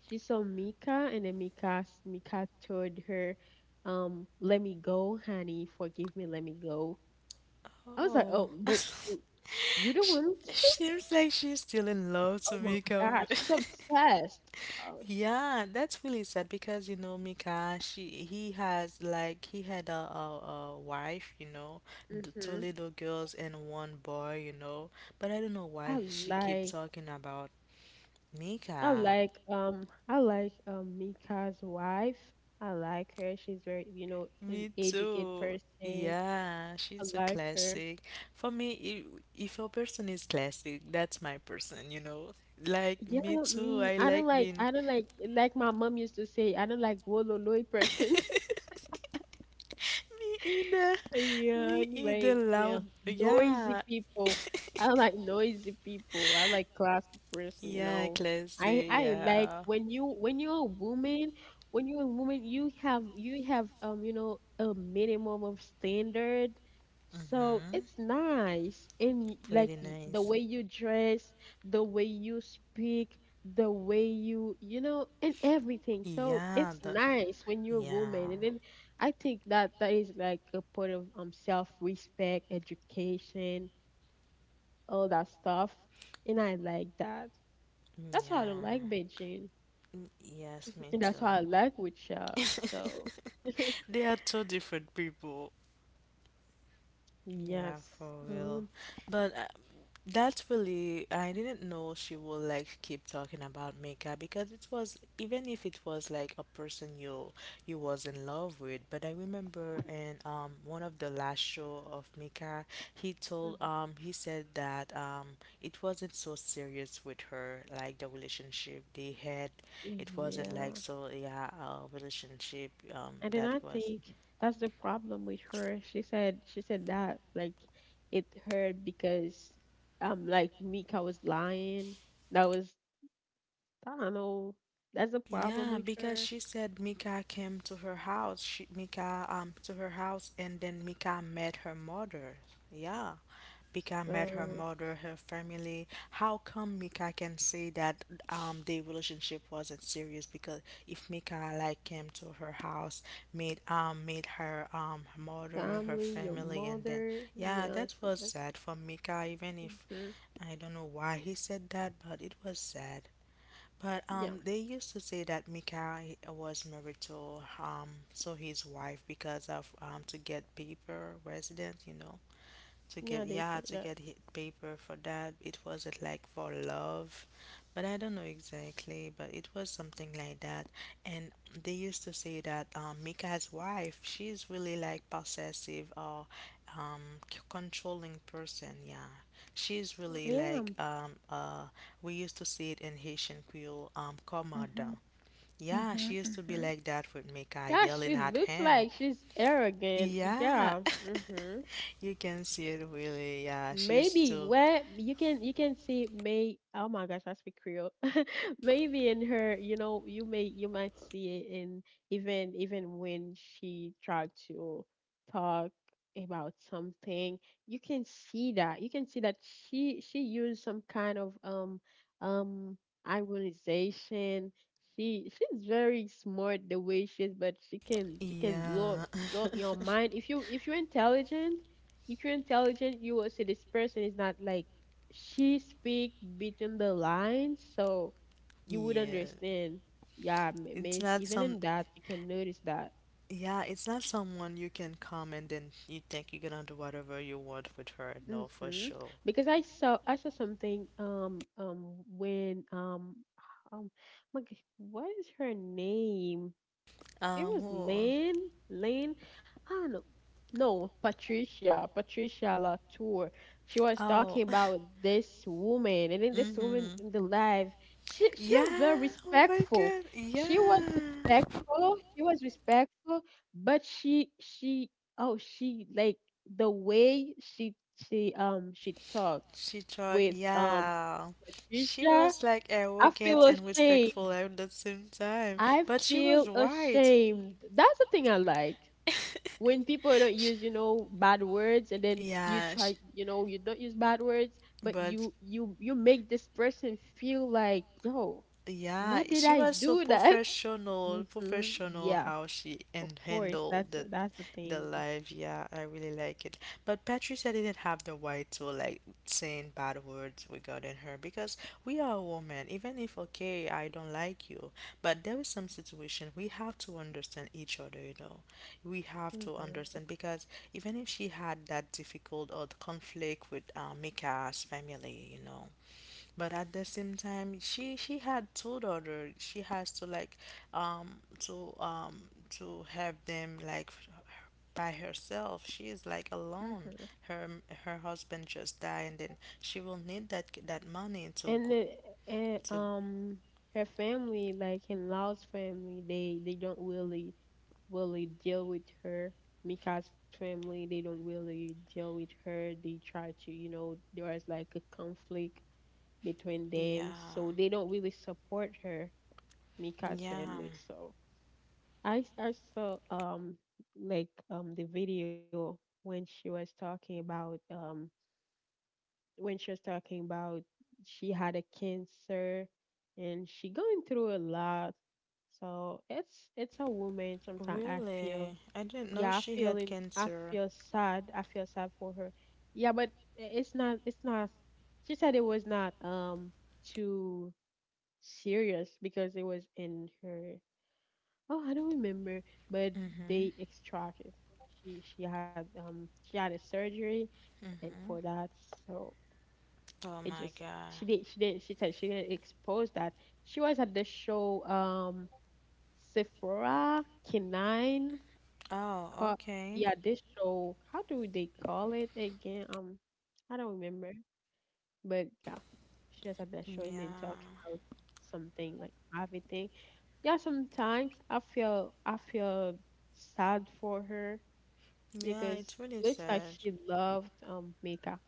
S1: she saw Mika and then Mika told her, let me go, honey, forgive me, let me go. I was like,
S2: Oh.
S1: "Oh,
S2: (laughs)
S1: but you the
S2: She,
S1: one who killed it?"
S2: seems like she's still in love,
S1: Oh my
S2: Tamika.
S1: gosh, she's
S2: (laughs)
S1: obsessed. Oh, sh
S2: Yeah, that's really sad because you know Mika, she he has like he had a, a wife, the two
S1: hmm.
S2: little girls and one boy, But I don't know
S1: I
S2: why she keep
S1: like
S2: talking about
S1: I
S2: Mika.
S1: like I like Mika's wife. I like her. She's very, you know, an
S2: Me
S1: educated
S2: too.
S1: person.
S2: Yeah,
S1: I
S2: she's a
S1: like her.
S2: classic. For me, if your person is classic, that's my person, Like
S1: Yeah,
S2: me too.
S1: me.
S2: I like being
S1: I don't like my mom used to say, I don't like wololoi
S2: me
S1: person. (laughs)
S2: either.
S1: Yeah,
S2: Me either.
S1: like, yeah,
S2: Loud.
S1: noisy
S2: Yeah.
S1: people. I don't
S2: (laughs)
S1: like noisy people. I like classy person, you
S2: Yeah,
S1: know. I
S2: classy.
S1: I like
S2: Yeah.
S1: when you're a woman, when you're a woman, you have you know, a minimum of standard. So
S2: Mhm.
S1: it's nice. And y- like
S2: Pretty
S1: y- the
S2: nice.
S1: way you dress, the way you speak, the way you, you know, and everything. So
S2: Yeah.
S1: it's nice when you're a woman.
S2: Yeah.
S1: And then I think that that is like a part of self respect, education, all that stuff, and I like that. That's why I don't like
S2: Yeah.
S1: Beijing,
S2: Mm, yes, me
S1: and
S2: too.
S1: that's why I like Wichita. So
S2: They are two different people. Yeah,
S1: yes,
S2: for
S1: um,
S2: real. But That's really, I didn't know she will like keep talking about makeup because it was even if it was like a person you was in love with. But I remember in one of the last show of Mika, he said that it wasn't so serious with her like the relationship they had. It
S1: mhm,
S2: wasn't like
S1: yeah.
S2: so yeah a relationship
S1: And then
S2: that
S1: I
S2: was.
S1: think that's the problem with her. She said that like it hurt because like Mika was lying. That was I don't know. That's the problem
S2: Yeah,
S1: with
S2: because
S1: her.
S2: she said Mika came to her house. Mika to her house and then Mika met her mother. Yeah. Mika met her
S1: So.
S2: mother, her family. How come Mika can say that their relationship wasn't serious? Because if Mika like came to her house, meet meet her mother, her
S1: Family, your
S2: family, and then
S1: mother.
S2: yeah,
S1: Yeah,
S2: that
S1: so
S2: was
S1: that's.
S2: sad for Mika. Even if
S1: Hmm.
S2: I don't know why he said that, but it was sad. But
S1: Yeah,
S2: they used to say that Mika was married to so his wife because of to get paper resident, to get
S1: yeah, they
S2: yeah
S1: say
S2: to
S1: that.
S2: get hit paper for that it wasn't like for love but I don't know exactly but it was something like that and they used to say that Mika's wife she's really like possessive or um, controlling person yeah she's really
S1: Yeah.
S2: like we used to see it in Haitian Creole
S1: Mm-hmm.
S2: commanda yeah
S1: Mm-hmm.
S2: she used to be
S1: Mm-hmm.
S2: like that with Mika
S1: Yeah,
S2: yelling
S1: she
S2: at
S1: looks
S2: him
S1: like she's arrogant.
S2: yeah
S1: Yeah. Mm-hmm.
S2: (laughs) you can see it really yeah she used
S1: Maybe
S2: to
S1: where you can see may oh my gosh, I speak Creole (laughs) maybe in her, you know, you may, you might see it in, even when she tried to talk about something. You can see that, you can see that she used some kind of um ironization. She's very smart the way she is, but she can blow up,
S2: yeah,
S1: blow up your mind. If you're intelligent, if you're intelligent, you will see this person is not like, she speak between the lines, so
S2: (laughs)
S1: you would
S2: yeah.
S1: understand. Yeah,
S2: It's not
S1: even
S2: some.
S1: in that you can notice that.
S2: Yeah, it's not someone you can come and then you think you're gonna do whatever you want with her. No, for
S1: Mm-hmm.
S2: sure.
S1: Because I saw something when um my g- what is her name? It was
S2: Whoa.
S1: Lynn, I don't know. No, Patricia, Patricia Latour. She was
S2: Oh.
S1: talking
S2: (laughs)
S1: about this woman, and then this woman
S2: Mm-hmm.
S1: in the live, she
S2: Yeah.
S1: was very
S2: Oh my
S1: respectful.
S2: God.
S1: She was
S2: Yeah.
S1: respectful. She was respectful, but she oh she like the way she talked
S2: She talked.
S1: with
S2: Yeah. She
S1: Patricia.
S2: was like
S1: I feel
S2: arrogant and
S1: ashamed.
S2: respectful at the same time,
S1: I
S2: but she was
S1: feel
S2: right.
S1: ashamed. That's the thing I like
S2: (laughs)
S1: when people don't use, you know, bad words, and then you
S2: Yeah,
S1: try, you know, you don't use bad words, but
S2: but
S1: you make this person feel like, yo,
S2: yeah,
S1: what did
S2: she
S1: I
S2: was so
S1: do that? (laughs)
S2: professional,
S1: hmm
S2: professional
S1: yeah,
S2: how she
S1: of
S2: and
S1: course, that's
S2: handled
S1: that's the
S2: the
S1: thing.
S2: life. Yeah, I really like it. But Patricia didn't have the right to like saying bad words regarding her because we are women. Even if okay, I don't like you, but there is some situation we have to understand each other. You know, we have to
S1: hmm
S2: understand because even if she had that difficult or the conflict with Mika's family, you know, but at the same time she had 2 daughters. She has to like um to um to have by herself. She is like alone.
S1: hmm
S2: Her her husband just died, and then she will need that money to
S1: and
S2: go
S1: the, and
S2: to.
S1: um her family, like in Lao's family, they don't really deal with her. Mika's family, they don't really deal with her. They try to, you know, there was like a conflict between
S2: Yeah,
S1: them, so they don't really support her, Mika's
S2: yeah,
S1: family. So I saw the video when she was talking about, when she was talking about she had a cancer and she going through a lot. So it's a woman. Sometimes I feel,
S2: really, I didn't know
S1: yeah,
S2: she had
S1: I
S2: cancer.
S1: feel sad. I feel sad for her. Yeah, but it's not, it's not. She said it was not too serious because it was in her. Oh, I don't remember, but
S2: Mm-hmm.
S1: they extracted. She had she had a surgery, and for
S2: Mm-hmm.
S1: that, so
S2: Oh
S1: it
S2: my
S1: just,
S2: God.
S1: she did, she did not, she said she didn't expose that. She was at the show, Sephora Canine,
S2: Oh,
S1: called,
S2: okay.
S1: yeah, this show, how do they call it again? I don't remember. But yeah. She was at that show and then talking
S2: Yeah,
S1: about something like private thing. Yeah, sometimes I feel sad for her
S2: yeah,
S1: because
S2: it's really
S1: it looks like
S2: sad.
S1: she loved makeup.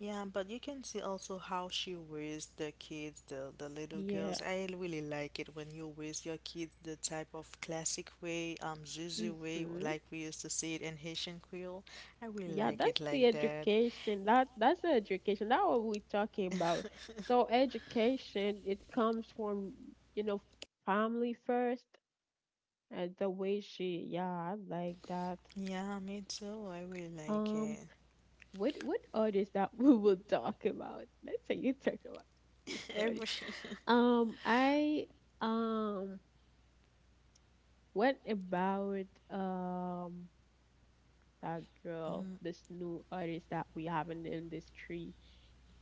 S2: Yeah, but you can see also how she raised the kids, the little
S1: Yeah.
S2: girls. I really like it when you raise your kids the type of classic way, Zuzu way, or
S1: hmm
S2: like we used to see it in Haitian Creole. I really
S1: Yeah,
S2: like it
S1: that's the
S2: like that.
S1: education. That's the education. That's what we're talking about. So education, it comes from, you know, family first. And the way she, yeah, I like that.
S2: Yeah, me too. I really like
S1: Um,
S2: it.
S1: what artist that (laughs) we will talk about? Let's say you talk about this
S2: (laughs)
S1: artist.
S2: Every.
S1: I um, what about that girl,
S2: Mm.
S1: this new artist that we have in the industry?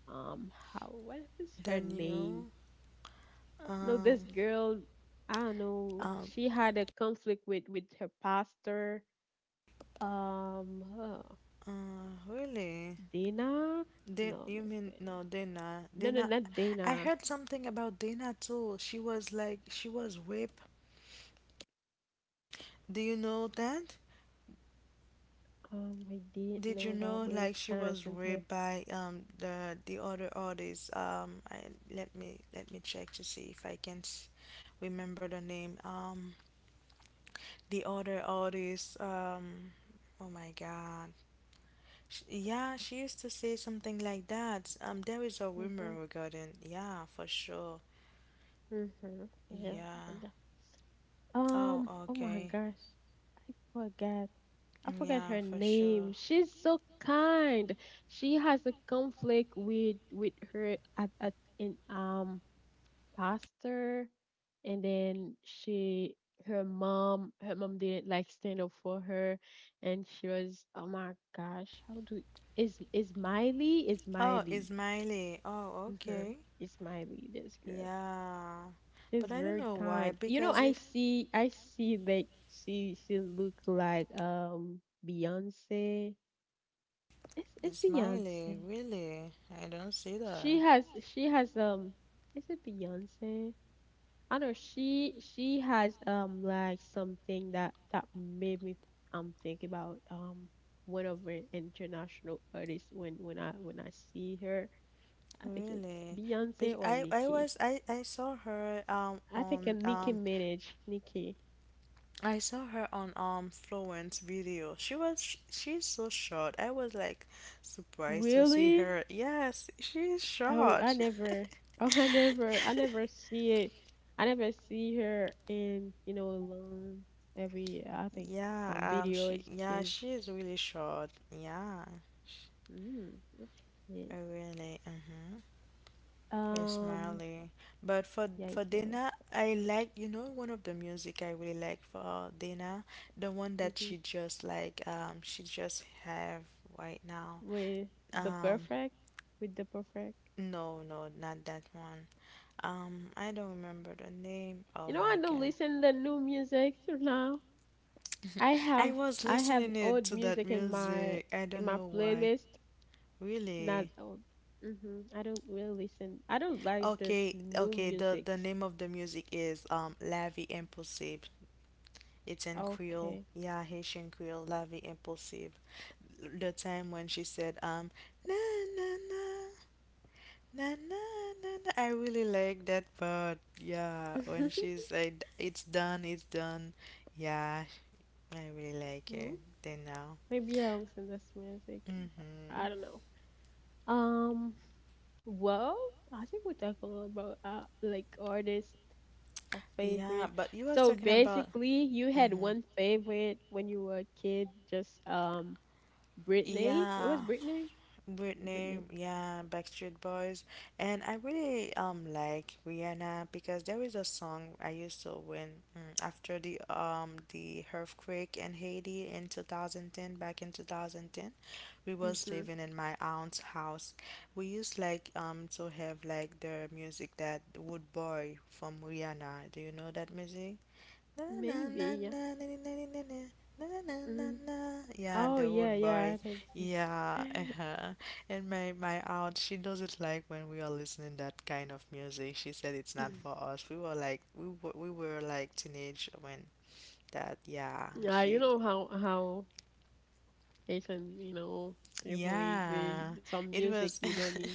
S1: How what was her
S2: The
S1: name?
S2: new,
S1: No, this
S2: um,
S1: girl, I don't know.
S2: um,
S1: She had a conflict with her pastor. Um, uh,
S2: really.
S1: Dana?
S2: Did
S1: No,
S2: you
S1: not
S2: mean
S1: Dana.
S2: no Dana?
S1: No, no,
S2: Dana,
S1: not
S2: I
S1: Dana.
S2: heard something about Dana too. She was like she was whipped. Do you know that?
S1: I didn't
S2: Did
S1: know
S2: you
S1: that,
S2: know
S1: but it's
S2: like she
S1: kind of
S2: was
S1: sensitive.
S2: raped by the other artist? I Let me check to see if remember the name. The other artist. Oh my God. Sh Yeah, she used to say something like that. There is a rumor
S1: Mhm,
S2: regarding. Yeah, for sure.
S1: mhm. Yeah,
S2: Yeah.
S1: good.
S2: Oh,
S1: Oh my
S2: okay.
S1: gosh. I forgot. I forgot
S2: Yeah,
S1: her
S2: for sure.
S1: name. She's so kind. She has a conflict with her at in pastor, and then she, her mom, her mom didn't like stand up for her, and she was, oh my gosh, how do, is Miley? Is
S2: Oh,
S1: Miley.
S2: Ismaili. Oh,
S1: Mhm.
S2: okay.
S1: It's Miley this girl.
S2: Yeah, but
S1: She's
S2: I don't
S1: very
S2: know why,
S1: kind. You know,
S2: because if
S1: like she look like Beyonce. It's
S2: it's Miley,
S1: Beyonce.
S2: really, I don't see that.
S1: She has is it Beyonce? I don't know. She has like something that made me think about one of her international artists when when I see her. I think it's
S2: Really. Be-
S1: Beyonce or
S2: I
S1: Nicki.
S2: was I saw her
S1: I think a
S2: on
S1: Nicki Minaj. Nicki.
S2: I saw her on Florence video. She was she's so short. I was like surprised to see
S1: Really?
S2: her. Yes, she's
S1: Oh, I
S2: short.
S1: never. (laughs) Oh, I never. I
S2: (laughs)
S1: never see it. I never see her in, you know, alone. Every I think some
S2: Yeah,
S1: videos she's.
S2: she is really short. Yeah. Sh-
S1: Mm, yeah.
S2: Really. Mhm. Hey,
S1: Um.
S2: Smiley. But for
S1: Yeah,
S2: for
S1: it's mine.
S2: Dana, I like, one of the music I really like for Dana, the one that
S1: hmm
S2: she just have right now.
S1: With the
S2: Um,
S1: perfect. With the perfect.
S2: no, no, not that one. I don't remember the name. Oh
S1: You know, I
S2: my
S1: don't
S2: God.
S1: listen to new music (laughs) now. I
S2: (laughs) I
S1: have
S2: was
S1: I have
S2: listening it
S1: old
S2: to that
S1: music in my,
S2: music. I
S1: in
S2: don't
S1: my
S2: know why.
S1: playlist. Not
S2: Really?
S1: old. Mm-hmm. I don't really listen. I don't like this
S2: Okay,
S1: new
S2: okay. The
S1: music.
S2: the name of the music is La Vie Impossible. It's in Creole.
S1: Okay.
S2: Yeah, Haitian Creole, La Vie Impossible. The time when she said, na na na, na na na na. I really like that part. Yeah, when
S1: (laughs)
S2: she said it's done, it's done. Yeah, I really like
S1: Hmm,
S2: it. Then now.
S1: maybe I'll listen to this music. But
S2: Mhm.
S1: I don't know. Um. Well, I think we talk a little about like artists or
S2: Yeah,
S1: favorite.
S2: but you was
S1: So
S2: talking about.
S1: basically, you had
S2: Mhm.
S1: one favorite when you were a kid. Just Britney. It was
S2: Yeah.
S1: Britney.
S2: Britney,
S1: Britney.
S2: yeah, Backstreet Boys, and I really like Rihanna because there is a song I used to win, after the earthquake in Haiti in 2010, back in 2010. We was
S1: Mhm.
S2: living in my aunt's house. We used like to have like the music that Wood Boy from Rihanna. Do you know that music? Na na
S1: Maybe.
S2: na
S1: Yeah.
S2: na na na na na, na na na na
S1: Mm.
S2: na. Yeah,
S1: Oh
S2: the
S1: yeah,
S2: old boy.
S1: yeah. I think this
S2: Yeah,
S1: is- (laughs)
S2: uh-huh. And my aunt, she doesn't like when we are listening that kind of music. She said it's not for us. We were like we were like teenage when that. Yeah,
S1: Yeah,
S2: she.
S1: you know how it's an, you know, therefore the
S2: Yeah,
S1: some
S2: it
S1: music
S2: was
S1: you don't need,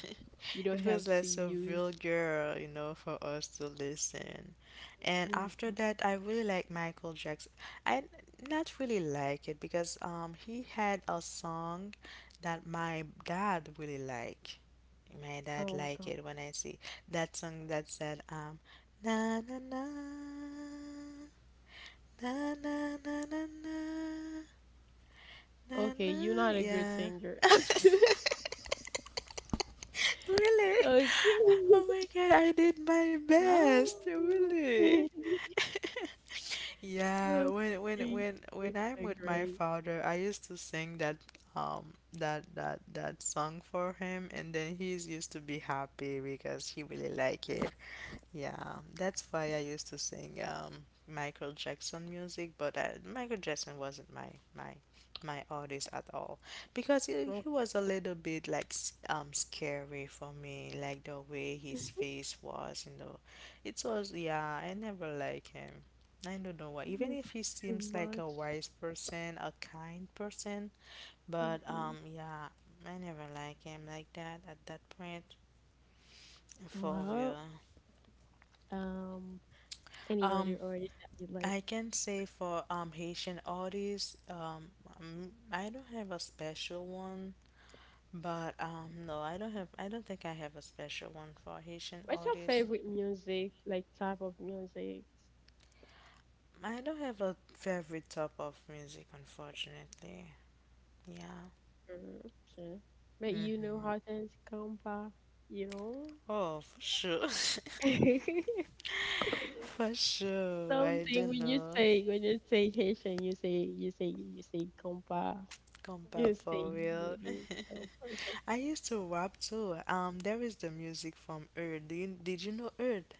S1: you
S2: (laughs)
S1: don't
S2: it
S1: have
S2: was
S1: to
S2: like so
S1: use.
S2: vulgar, you know, for us to listen. And after
S1: Mhm.
S2: that, I really like Michael Jackson. I not really like it because he had a song that my dad really like. My dad
S1: Oh
S2: like
S1: God.
S2: it when I see that song that said na na na na na na na na, na,
S1: Okay,
S2: na,
S1: you're not a good
S2: yeah.
S1: singer. (laughs)
S2: (laughs) Really?
S1: Okay.
S2: Oh my God, I did my best.
S1: Oh.
S2: Really?
S1: (laughs)
S2: (laughs) Yeah, when
S1: Okay.
S2: I'm
S1: Yeah,
S2: with my
S1: great.
S2: father, I used to sing that song for him, and then he's used to be happy because he really like it. Yeah, that's why I used to sing, Michael Jackson music, but Michael Jackson wasn't my artist at all because he,
S1: Oh,
S2: he was a little bit like scary for me, like the way his
S1: (laughs)
S2: face was, you know. It was Yeah, I never like him. I don't know why. Even
S1: it's
S2: if he
S1: too
S2: seems like
S1: much.
S2: a wise person, a kind person, but
S1: hmm
S2: yeah, I never like him like that at that point. For
S1: Well,
S2: real.
S1: um, any other
S2: Um,
S1: artist that you like?
S2: I can say for Haitian artists, I don't have a special one, but no, I don't have. I don't think I have a special one for Haitian
S1: What's your
S2: artists.
S1: favorite music, like type of music?
S2: I don't have a favorite type of music, unfortunately. Yeah.
S1: Mhm, okay. But you know how
S2: Mm-hmm.
S1: things come back, you know?
S2: Oh, for sure. (laughs)
S1: (laughs)
S2: For sure. I
S1: Something
S2: don't
S1: when you
S2: know.
S1: say, when you say Haitian, you say compa,
S2: Compa
S1: you
S2: for
S1: say
S2: real.
S1: guru. So okay.
S2: (laughs) I used to rap too. There is the music from Earth. Did you know Earth?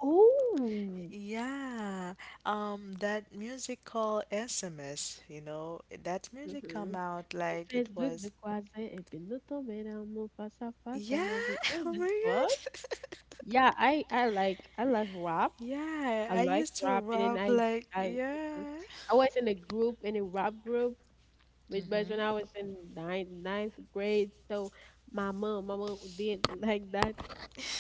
S1: Oh,
S2: Yeah, that musical SMS, you know, that music come
S1: mhm.
S2: out
S1: So
S2: like it
S1: Facebook de
S2: was.
S1: croiser et puis nous tomber dans mon face à face
S2: Yeah,
S1: jamais vu.
S2: (laughs)
S1: What's
S2: oh
S1: this
S2: my
S1: one?
S2: God.
S1: Yeah,
S2: (laughs)
S1: I like, I like rap.
S2: Yeah,
S1: I
S2: I
S1: like
S2: used to
S1: rap, and then
S2: rap like,
S1: I mhm.
S2: yeah.
S1: I was in a group, in a rap group, Midwest, when I
S2: Hmm.
S1: was in ninth grade. So my mom did like that.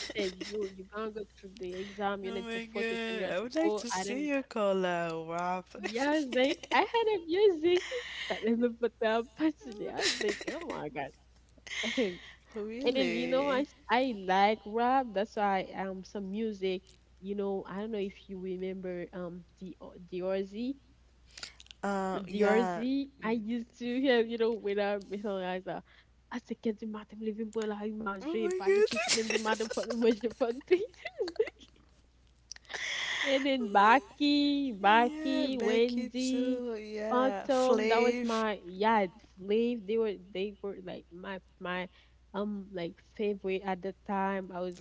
S1: She said, "You you gonna go to the exam. You
S2: Oh
S1: need to
S2: my
S1: focus on your
S2: God, I would like
S1: school."
S2: to
S1: I
S2: see
S1: didn't.
S2: you call a rap.
S1: Yes,
S2: (laughs)
S1: like I had a music. (laughs) So let me put the passage. (laughs) I was like, "Oh my gosh." (laughs) And then, you know,
S2: Really?
S1: I like rap. That's why some music. You know, I don't know if you remember the Ozzy.
S2: Yeah.
S1: DRZ, I used to have, you know, when I met her, I was like, à ce que du matin, me lever pour aller
S2: Oh
S1: manger,
S2: my
S1: pas de petite, même du matin, pas
S2: God.
S1: de manger, pas de
S2: (laughs)
S1: petite. (laughs) And then Baki,
S2: Yeah,
S1: Baki,
S2: Becky
S1: Wendy,
S2: too. Yeah,
S1: Phantom, that was
S2: Flav.
S1: my, yeah, Slave, they were like my, like favorite at the time. I was,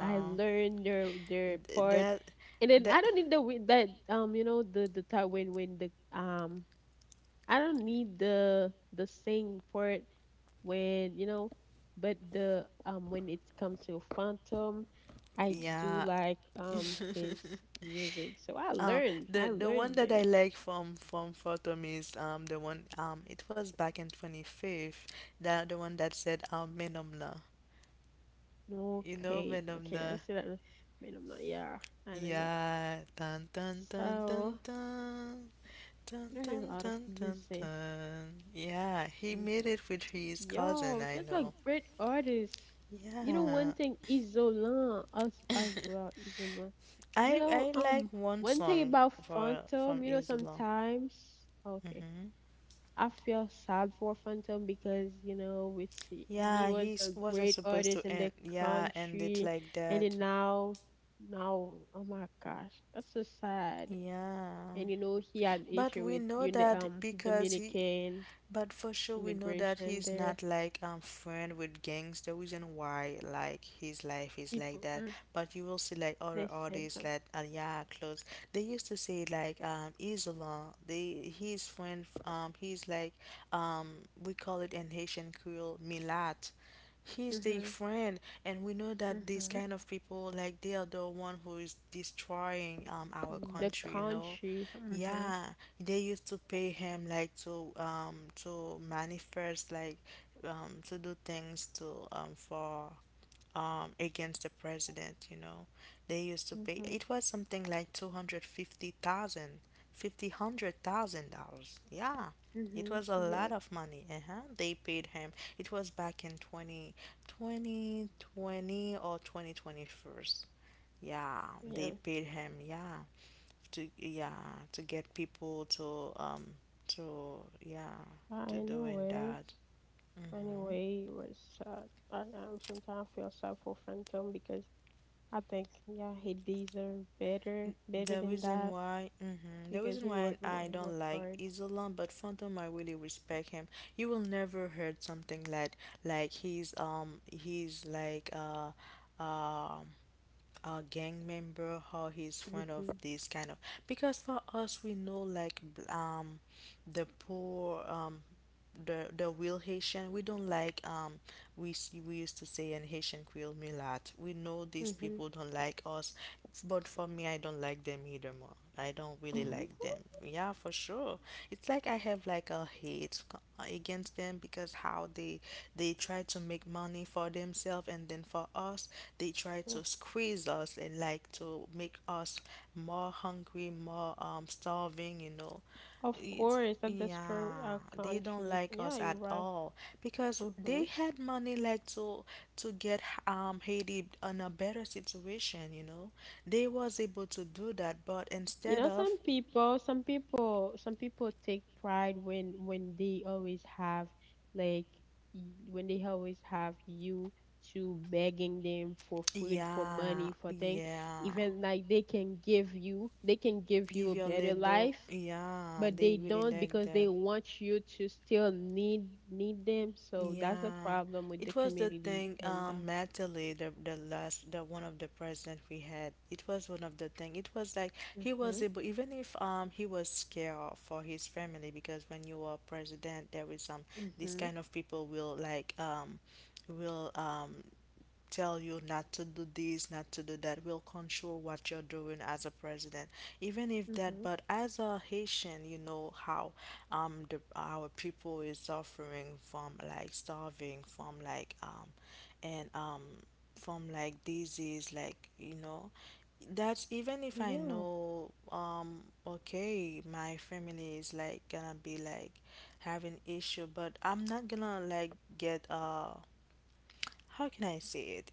S1: I learned their
S2: Th-
S1: part.
S2: that
S1: And then I
S2: that
S1: don't need the, you know, the time when the, um, I don't need the sing part when, you know, but the when it comes to Phantom, I do
S2: yeah.
S1: like his
S2: (laughs)
S1: music. So
S2: Um, the
S1: I
S2: the one
S1: learned
S2: that I
S1: them.
S2: like from Photom is the one, it was back in 25th, that the one that said Menomna. You know
S1: Okay, okay, I
S2: Menomna.
S1: see that. Now. Minima, yeah, I know that.
S2: Yeah. Dun dun dun
S1: So
S2: dun dun. Dun
S1: learned a
S2: dun
S1: lot of
S2: dun dun
S1: music.
S2: dun. Yeah, he
S1: hmm
S2: made it with his cousin,
S1: Yo,
S2: I
S1: he's a
S2: know.
S1: great artist. You know, one
S2: Yeah.
S1: thing, Isolant as
S2: (laughs)
S1: well, Isolant. You
S2: I
S1: know,
S2: I like one
S1: one thing
S2: song
S1: about
S2: for from
S1: Phantom, you know,
S2: Isla.
S1: sometimes, okay,
S2: Hmm.
S1: I feel sad for Phantom because, you know, it's he
S2: Yeah,
S1: was a
S2: wasn't
S1: great
S2: supposed
S1: artist
S2: to
S1: in the
S2: end. Yeah, end it
S1: country,
S2: like
S1: and
S2: that.
S1: then now, now, oh my gosh, that's so sad.
S2: Yeah.
S1: And you know, he had
S2: But
S1: issue
S2: we
S1: with,
S2: know
S1: you know,
S2: that because he
S1: Dominican
S2: But for sure, we know that
S1: immigration
S2: he's
S1: there.
S2: not like friend with gangs. The reason why like his life is like
S1: People,
S2: that. But you will see like other
S1: they said
S2: artists
S1: them.
S2: like Aliyah Close. They used to say like Isola. They his friend, he's like, um we call it in Haitian Creole Milat. He's the
S1: Mhm.
S2: friend, and we know that these
S1: Mhm.
S2: kind of people, like they are the one who is destroying our
S1: The
S2: country, you know.
S1: country. Mhm.
S2: Yeah, they used to pay him like to manifest, like to do things, to for against the president, you know. They used to pay
S1: Mhm.
S2: It was something like two hundred fifty thousand, fifty hundred thousand dollars. Yeah, it
S1: Mhm.
S2: was a lot
S1: Yeah.
S2: of money. Uh-huh, they paid him. It was back in twenty twenty twenty or 2021. Yeah,
S1: Yeah.
S2: they paid him, yeah, to, yeah, to get people to, to, yeah,
S1: But
S2: to doing
S1: anyway,
S2: that. Hmm.
S1: anyway, it was sad. I sometimes feel sad for Phantom because I think, yeah, he deserved better, better
S2: the
S1: than
S2: reason
S1: that
S2: why hmm the
S1: because
S2: reason
S1: he
S2: why
S1: worked he
S2: I
S1: worked he
S2: don't
S1: worked
S2: like
S1: hard.
S2: Isolan, but Phantom I really respect him. You will never heard something like he's like, um a gang member or he's one of
S1: Mhm.
S2: these kind of because for us we know like the poor, the real Haitian, we don't like we used to say in Haitian Creole Mulat. We know these
S1: Mhm.
S2: people don't like us, but for me, I don't like them either. More, I don't really like them,
S1: (laughs)
S2: yeah, for sure. It's like I have like a hate against them because how they try to make money for themselves and then for us, they try to squeeze us and like to make us more hungry, more starving, you know.
S1: Of
S2: It's
S1: course, that destroyed
S2: Yeah,
S1: our
S2: they don't
S1: country.
S2: like
S1: Yeah,
S2: us
S1: you're
S2: at
S1: right.
S2: all because they
S1: Mhm.
S2: had money like to get Haiti on a better situation, you know. They was able to do that, but
S1: You
S2: instead
S1: know,
S2: of,
S1: some people take pride when they always have like when they always have you to begging them for food, for
S2: yeah,
S1: money, for thing.
S2: yeah.
S1: Even like they can give you
S2: Give
S1: a
S2: your
S1: better
S2: little,
S1: life,
S2: yeah,
S1: but
S2: they
S1: they
S2: really
S1: don't
S2: like
S1: because they
S2: that.
S1: want you to still need them. So that's a
S2: Yeah,
S1: problem with the
S2: it was the
S1: community,
S2: thing.
S1: and
S2: Mentally, the one of the president we had, it was one of the thing. It was like he was
S1: mhm,
S2: able, even if he was scared for his family because when you are president, there is this
S1: mhm,
S2: kind of people will like, will, tell you not to do this, not to do that, will control what you're doing as a president. Even if that,
S1: mhm.
S2: but as a Haitian, you know how the our people is suffering from like starving, from like, and from like disease, like, you know. That's even if I
S1: Yeah.
S2: know, okay, my family is like gonna be like having issue, but I'm not gonna like get, how can I say it?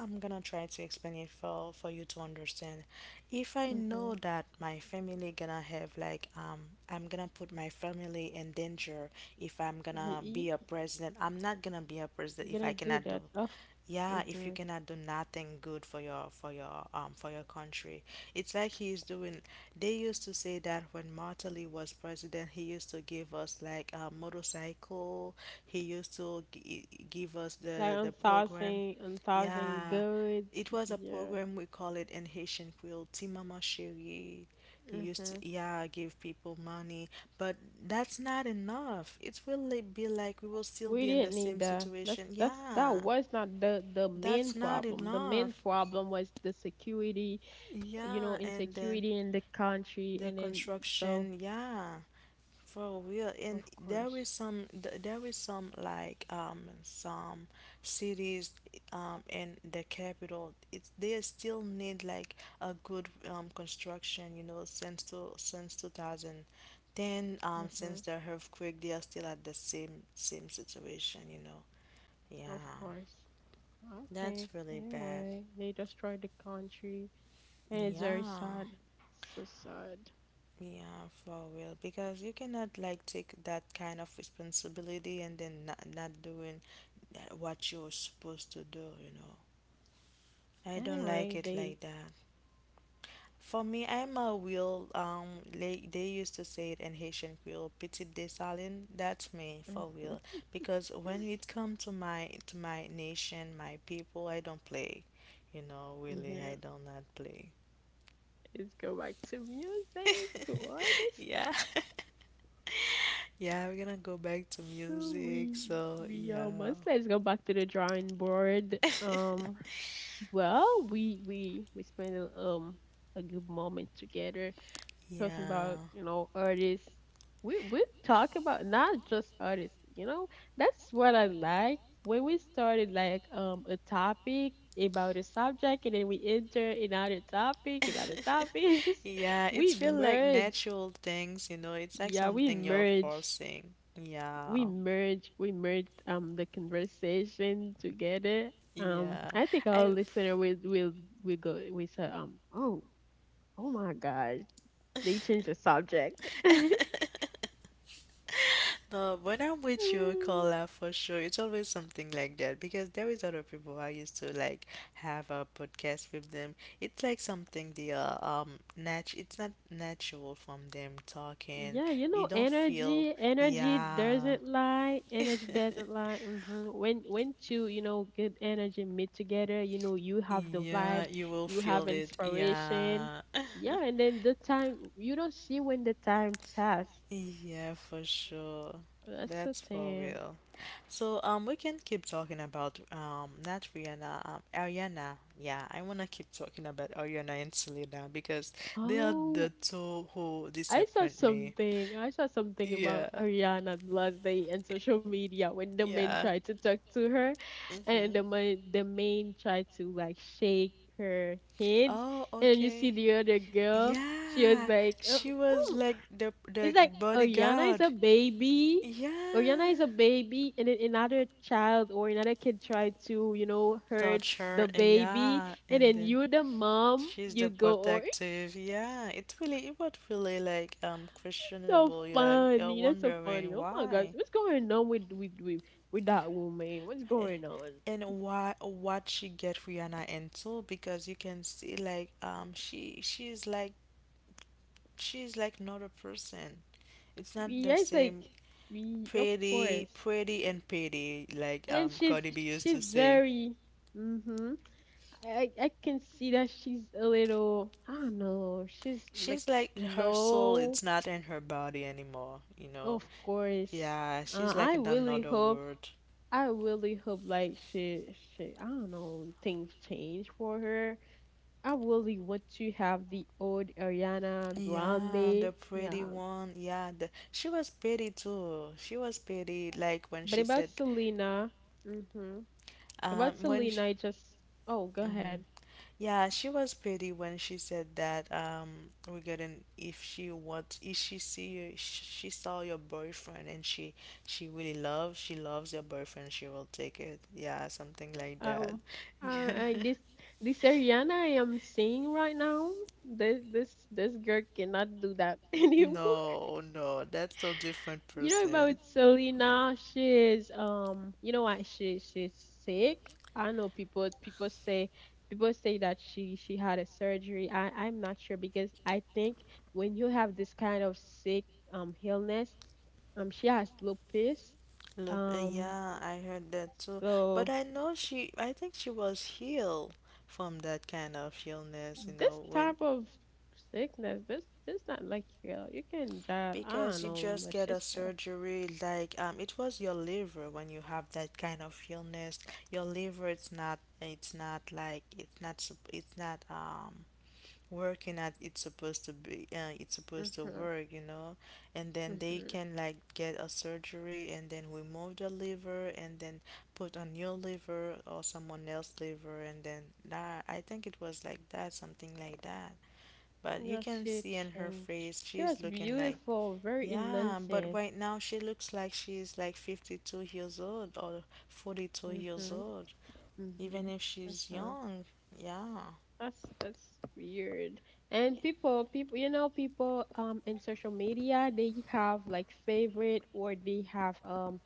S2: I'm gonna try to explain it for you to understand. If I know that my family gonna have like, I'm gonna put my family in danger if I'm gonna be a
S1: Mhm.
S2: president. I'm not gonna be a president if
S1: Gonna
S2: I
S1: do
S2: cannot do.
S1: that often.
S2: Yeah, if you
S1: Mhm.
S2: cannot do nothing good for your for your country, it's like he is doing. They used to say that when Martelly was president, he used to give us like a motorcycle. He used to give us
S1: Like
S2: the program.
S1: unsourcing, unsourcing
S2: Yeah,
S1: goods.
S2: it was a
S1: Yeah.
S2: program we call it in Haitian Creole, Timama Chérie. He used to,
S1: Mhm.
S2: yeah, give people money, but that's not enough. It will be like we will still
S1: We
S2: be in the
S1: didn't need
S2: same
S1: that. That's
S2: situation.
S1: that's that
S2: Yeah.
S1: was not the the main
S2: That's not
S1: problem. The main
S2: enough.
S1: problem was the security, you
S2: Yeah,
S1: know,
S2: and then
S1: insecurity in the country,
S2: the
S1: and then so,
S2: construction, yeah, for real. And
S1: of
S2: there
S1: course,
S2: is some, there is some like some cities in the capital. It's they still need like a good construction, you know, since to since 2010,
S1: hmm
S2: since the earthquake, they are still at the same situation, you know.
S1: of
S2: Yeah,
S1: course. I think
S2: that's really bad.
S1: anyway, they destroyed the country, and it's very
S2: Yeah.
S1: sad, so sad.
S2: Yeah, for real. Because you cannot like take that kind of responsibility and then not, not doing that what you're supposed to do, you know. I don't
S1: Anyway,
S2: like it
S1: they.
S2: like that. For me, I'm a real they used to say it in Haitian Creole, petit dessalin. That's me for real.
S1: (laughs)
S2: Because when it come to my nation, my people, I don't play. You know,
S1: Mhm.
S2: really,
S1: Yeah.
S2: I don't not play.
S1: Let's go back to music,
S2: (laughs)
S1: to artists.
S2: Yeah.
S1: (laughs)
S2: Yeah, we're gonna go back to
S1: So
S2: music.
S1: we
S2: So,
S1: we
S2: yeah.
S1: almost, let's go back to the drawing board. Well, we spent a good moment together talking about,
S2: Yeah.
S1: you know, artists. We talk about not just artists. You know, that's what I like when we started like a topic about a subject, and then we enter another topic, another
S2: (laughs)
S1: topic (laughs) it's just
S2: Yeah, it's
S1: we
S2: feel like
S1: merge.
S2: natural things, you know. It's like
S1: Yeah,
S2: something you're forcing. Yeah.
S1: we merged the conversation together.
S2: Yeah.
S1: I think our
S2: I
S1: listener will go with say, oh, oh my gosh, they changed the subject.
S2: (laughs)
S1: (laughs)
S2: (laughs) No, when I'm with you,
S1: Mm,
S2: Carla, for sure, it's always something like that because there is other people I used to like have a podcast with them. It's like something they are nat. It's not natural from them talking.
S1: yeah, you
S2: You
S1: know,
S2: don't feel,
S1: energy
S2: yeah,
S1: doesn't lie.
S2: (laughs)
S1: Energy doesn't lie. When two, you know, good energy meet together, you know, you have the
S2: yeah.
S1: vibe,
S2: You will
S1: you
S2: feel
S1: have
S2: it,
S1: inspiration.
S2: yeah.
S1: Yeah, and
S2: (laughs)
S1: then the time you don't see when the time pass.
S2: Yeah, for sure.
S1: That's a
S2: That's for
S1: 10.
S2: real. So we can keep talking about not Rihanna, Ariana. Yeah, I wanna keep talking about Ariana and Selena because they are
S1: Oh,
S2: the two who
S1: I saw
S2: disappoint me.
S1: something. I saw something about
S2: Yeah,
S1: Ariana the last day in social media when the man
S2: yeah.
S1: tried to talk to her and the
S2: Mm-hmm.
S1: man, the man tried to like shake her hands.
S2: Oh,
S1: And you see
S2: okay.
S1: the other girl, she was
S2: Yeah,
S1: like, oh,
S2: she was
S1: oh.
S2: like the
S1: It's like Ariana is
S2: bodyguard.
S1: a baby. Oriana is
S2: Yeah,
S1: a baby, and then another child or another kid tried to, hurt
S2: torture.
S1: the baby
S2: Yeah,
S1: and
S2: and
S1: then
S2: then
S1: you the mom
S2: she's the
S1: you go or
S2: protective. Yeah, it really it was really like
S1: so
S2: questionable. You like you're
S1: funny. That's so
S2: wondering
S1: funny. Oh my gosh,
S2: why.
S1: what's going on with that woman? What's
S2: Eh,
S1: going on?
S2: and why what she get Rihanna into because you can see like she's like she's like not a person. It's not the
S1: Yeah, it's like
S2: same
S1: we of
S2: pretty
S1: course.
S2: pretty and pretty
S1: And
S2: like
S1: then
S2: Cardi B used
S1: she's
S2: to say.
S1: very mhm. I I can see that she's a little I don't know. She's like
S2: She's like her soul
S1: slow.
S2: it's not in her body anymore, you know.
S1: Of course.
S2: Yeah, she's
S1: Uh,
S2: like
S1: I
S2: in
S1: really
S2: another
S1: hope
S2: world.
S1: I really hope like she I don't know things change for her. I really want to have the old Ariana
S2: Yeah, the
S1: Grande.
S2: pretty
S1: Yeah.
S2: one. Yeah, the, she was pretty too. She was pretty, like when
S1: But
S2: she
S1: about
S2: said,
S1: Selena, mm-hmm. About
S2: when sh
S1: Selena, I just oh, go
S2: mhm.
S1: ahead.
S2: Yeah, she was pretty when she said that, regarding if she what if she see you, she saw your boyfriend and she really loves your boyfriend, she will take it. Yeah, something like that.
S1: Um,
S2: (laughs)
S1: I,
S2: Yeah.
S1: I this this Ariana I am seeing right now. This girl cannot do that (laughs) anymore.
S2: No, no, that's a different
S1: You know about
S2: person.
S1: Selena? She's you know what? She she's sick. I know people say people say that she had a surgery. I'm not sure because I think when you have this kind of sick illness, she has lupus.
S2: Look,
S1: Um,
S2: yeah, I heard that too. But
S1: so
S2: I know she, I think she was healed from that kind of illness, you
S1: this
S2: know, when
S1: type of sickness, this not like real. You can just I don't
S2: because you
S1: know,
S2: just
S1: but
S2: get
S1: she's
S2: a
S1: still.
S2: surgery like it was your liver when you have that kind of illness. Your liver it's not like it's not working at it's supposed to be it's supposed to
S1: Mhm.
S2: work, you know, and then they
S1: Mhm.
S2: can like get a surgery and then remove the liver and then put a new liver or someone else liver and then that I think it was like that, something like that, but you
S1: Yeah,
S2: can
S1: she
S2: see in her
S1: changed.
S2: face
S1: She was
S2: she's looking like,
S1: beautiful, very
S2: yeah, but
S1: innocent.
S2: right now she looks like she's like 52 years old or 42 years
S1: Mhm,
S2: old, even
S1: mhm.
S2: if she's
S1: That's
S2: young, yeah.
S1: that's weird. And you know, people in social media, they have like favorite or they have.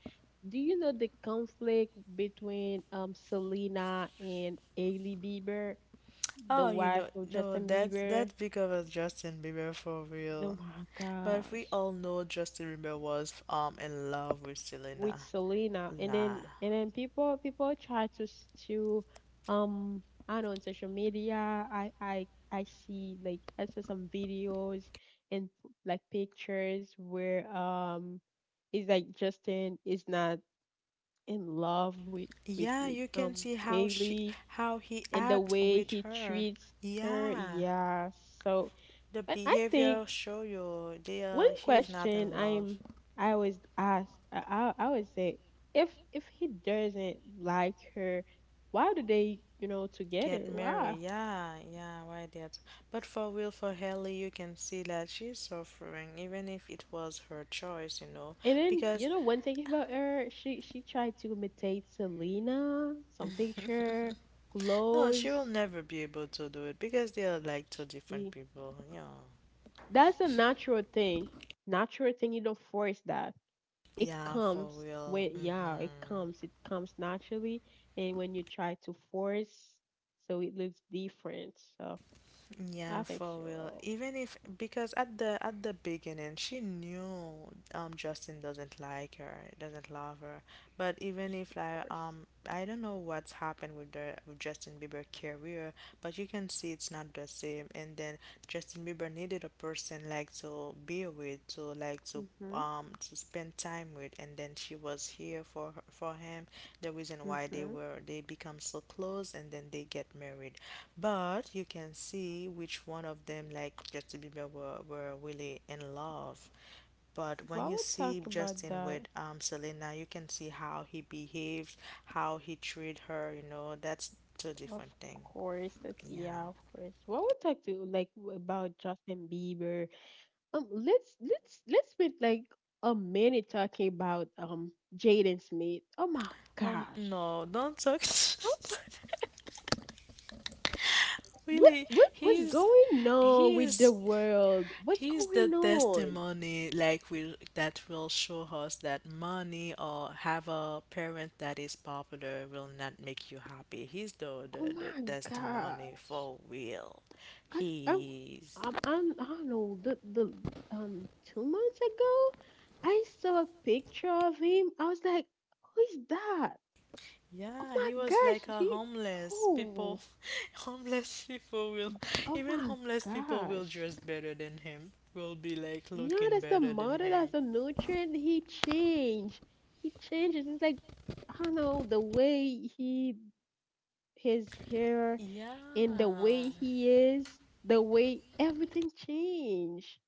S1: Do you know the conflict between Selena and Hailey Bieber, the
S2: Oh, you
S1: wife
S2: know,
S1: of
S2: no,
S1: Justin
S2: that's
S1: Bieber?
S2: that's bigger than Justin Bieber for
S1: Oh
S2: real.
S1: my
S2: But we
S1: gosh.
S2: all know Justin Bieber was in love with
S1: With
S2: Selena.
S1: Selena,
S2: La.
S1: and then people people try to to um I know on social media I see like I saw some videos and like pictures where it's like Justin is not in love with with
S2: Yeah,
S1: with
S2: you can see how she
S1: Haley
S2: how he
S1: and the
S2: act
S1: way
S2: with
S1: he
S2: her.
S1: treats her.
S2: Yeah.
S1: Yeah, so
S2: The
S1: but I think
S2: behavior show you they
S1: one
S2: are he is not
S1: question
S2: in love.
S1: I'm I always ask I always say if he doesn't like her, why do they you know together?
S2: Get
S1: Why?
S2: married, yeah, yeah, why that? But for real, for Haley, you can see that she's suffering, even if it was her choice, you know,
S1: And then
S2: because
S1: you know one thing about her, she tried to imitate Selena, some picture,
S2: (laughs) No, she will
S1: clothes.
S2: never be able to do it because they are like two different
S1: She
S2: people. Yeah.
S1: that's a natural thing, natural thing. You don't force that. It
S2: Yeah, for
S1: comes
S2: real.
S1: when yeah
S2: Mm-hmm.
S1: it comes naturally and when you try to force so it looks different so I
S2: Yeah,
S1: think she
S2: for real.
S1: will
S2: Even if because at the beginning she knew Justin doesn't like her, doesn't love her. But even
S1: she
S2: if like
S1: force.
S2: I don't know what's happened with the with Justin Bieber career, but you can see it's not the same. And then Justin Bieber needed a person like to be with, to like
S1: Force mhm
S2: to spend time with and then she was here for her, for him the reason why they
S1: mhm.
S2: were they become so close and then they get married, but you can see which one of them, like Justin Bieber, were really in love. But when
S1: Well
S2: you
S1: we'll talk
S2: see
S1: about
S2: Justin
S1: that
S2: with Selena, you can see how he behaved, how he treated her, you know, that's two
S1: of
S2: different thing.
S1: course. That's
S2: Yeah.
S1: yeah of course what we'll talk to like about justin bieber. Let's spend like a minute talking about jaden smith. Oh my gosh.
S2: No, don't talk.
S1: Oh my.
S2: (laughs)
S1: What
S2: Really,
S1: what what's
S2: he's
S1: going on with the
S2: he's
S1: world? What's
S2: he's the
S1: going on?
S2: testimony like will that will show us that money or have a parent that is popular will not make you happy. He's
S1: Oh
S2: the
S1: my
S2: testimony
S1: gosh.
S2: for real.
S1: I I
S2: He's,
S1: I'm I don't know the 2 months ago I saw a picture of him. I was like, who is that? Oh
S2: yeah,
S1: my
S2: he was like
S1: gosh,
S2: a
S1: he
S2: homeless people.
S1: oh
S2: (laughs) Homeless people will,
S1: oh
S2: even
S1: my
S2: homeless people will
S1: gosh.
S2: dress better than him. Will be like
S1: Yeah,
S2: looking
S1: that's the
S2: better than
S1: mother,
S2: him.
S1: that's the nutrient. He changed. He changes. It's like I don't know the way he his hair
S2: Yeah.
S1: and the way he is, the way everything changed.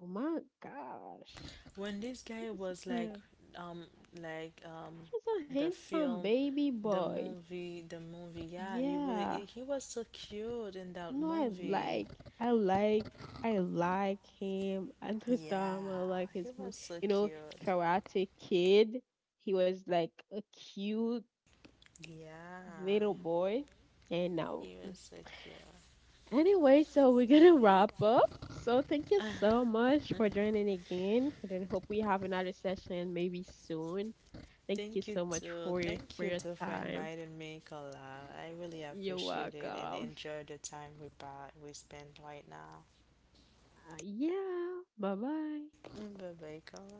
S1: Oh my gosh.
S2: When this
S1: I
S2: guy
S1: just
S2: was like,
S1: kind of
S2: um, like um,
S1: just a
S2: the
S1: handsome
S2: film,
S1: baby
S2: the
S1: boy.
S2: movie, yeah, he really,
S1: Yeah.
S2: he was so cute in that
S1: You know I
S2: movie.
S1: like I like I like him. (laughs) At this
S2: Yeah,
S1: time I like
S2: he
S1: his
S2: was so
S1: you know,
S2: cute.
S1: karate kid. He was like a cute
S2: Yeah,
S1: little boy and now
S2: he was so cute.
S1: anyway, so we're gonna wrap up. So thank you
S2: (laughs)
S1: so much for joining again, and then hope we have another session maybe soon. Thank you
S2: Thank
S1: so
S2: you
S1: much
S2: too.
S1: for
S2: Thank
S1: your
S2: you too for
S1: time.
S2: inviting me, Kola. I really
S1: You're
S2: appreciate it and
S1: welcome.
S2: enjoy the time we we spent right now.
S1: Yeah. Bye bye.
S2: Bye bye, Kola.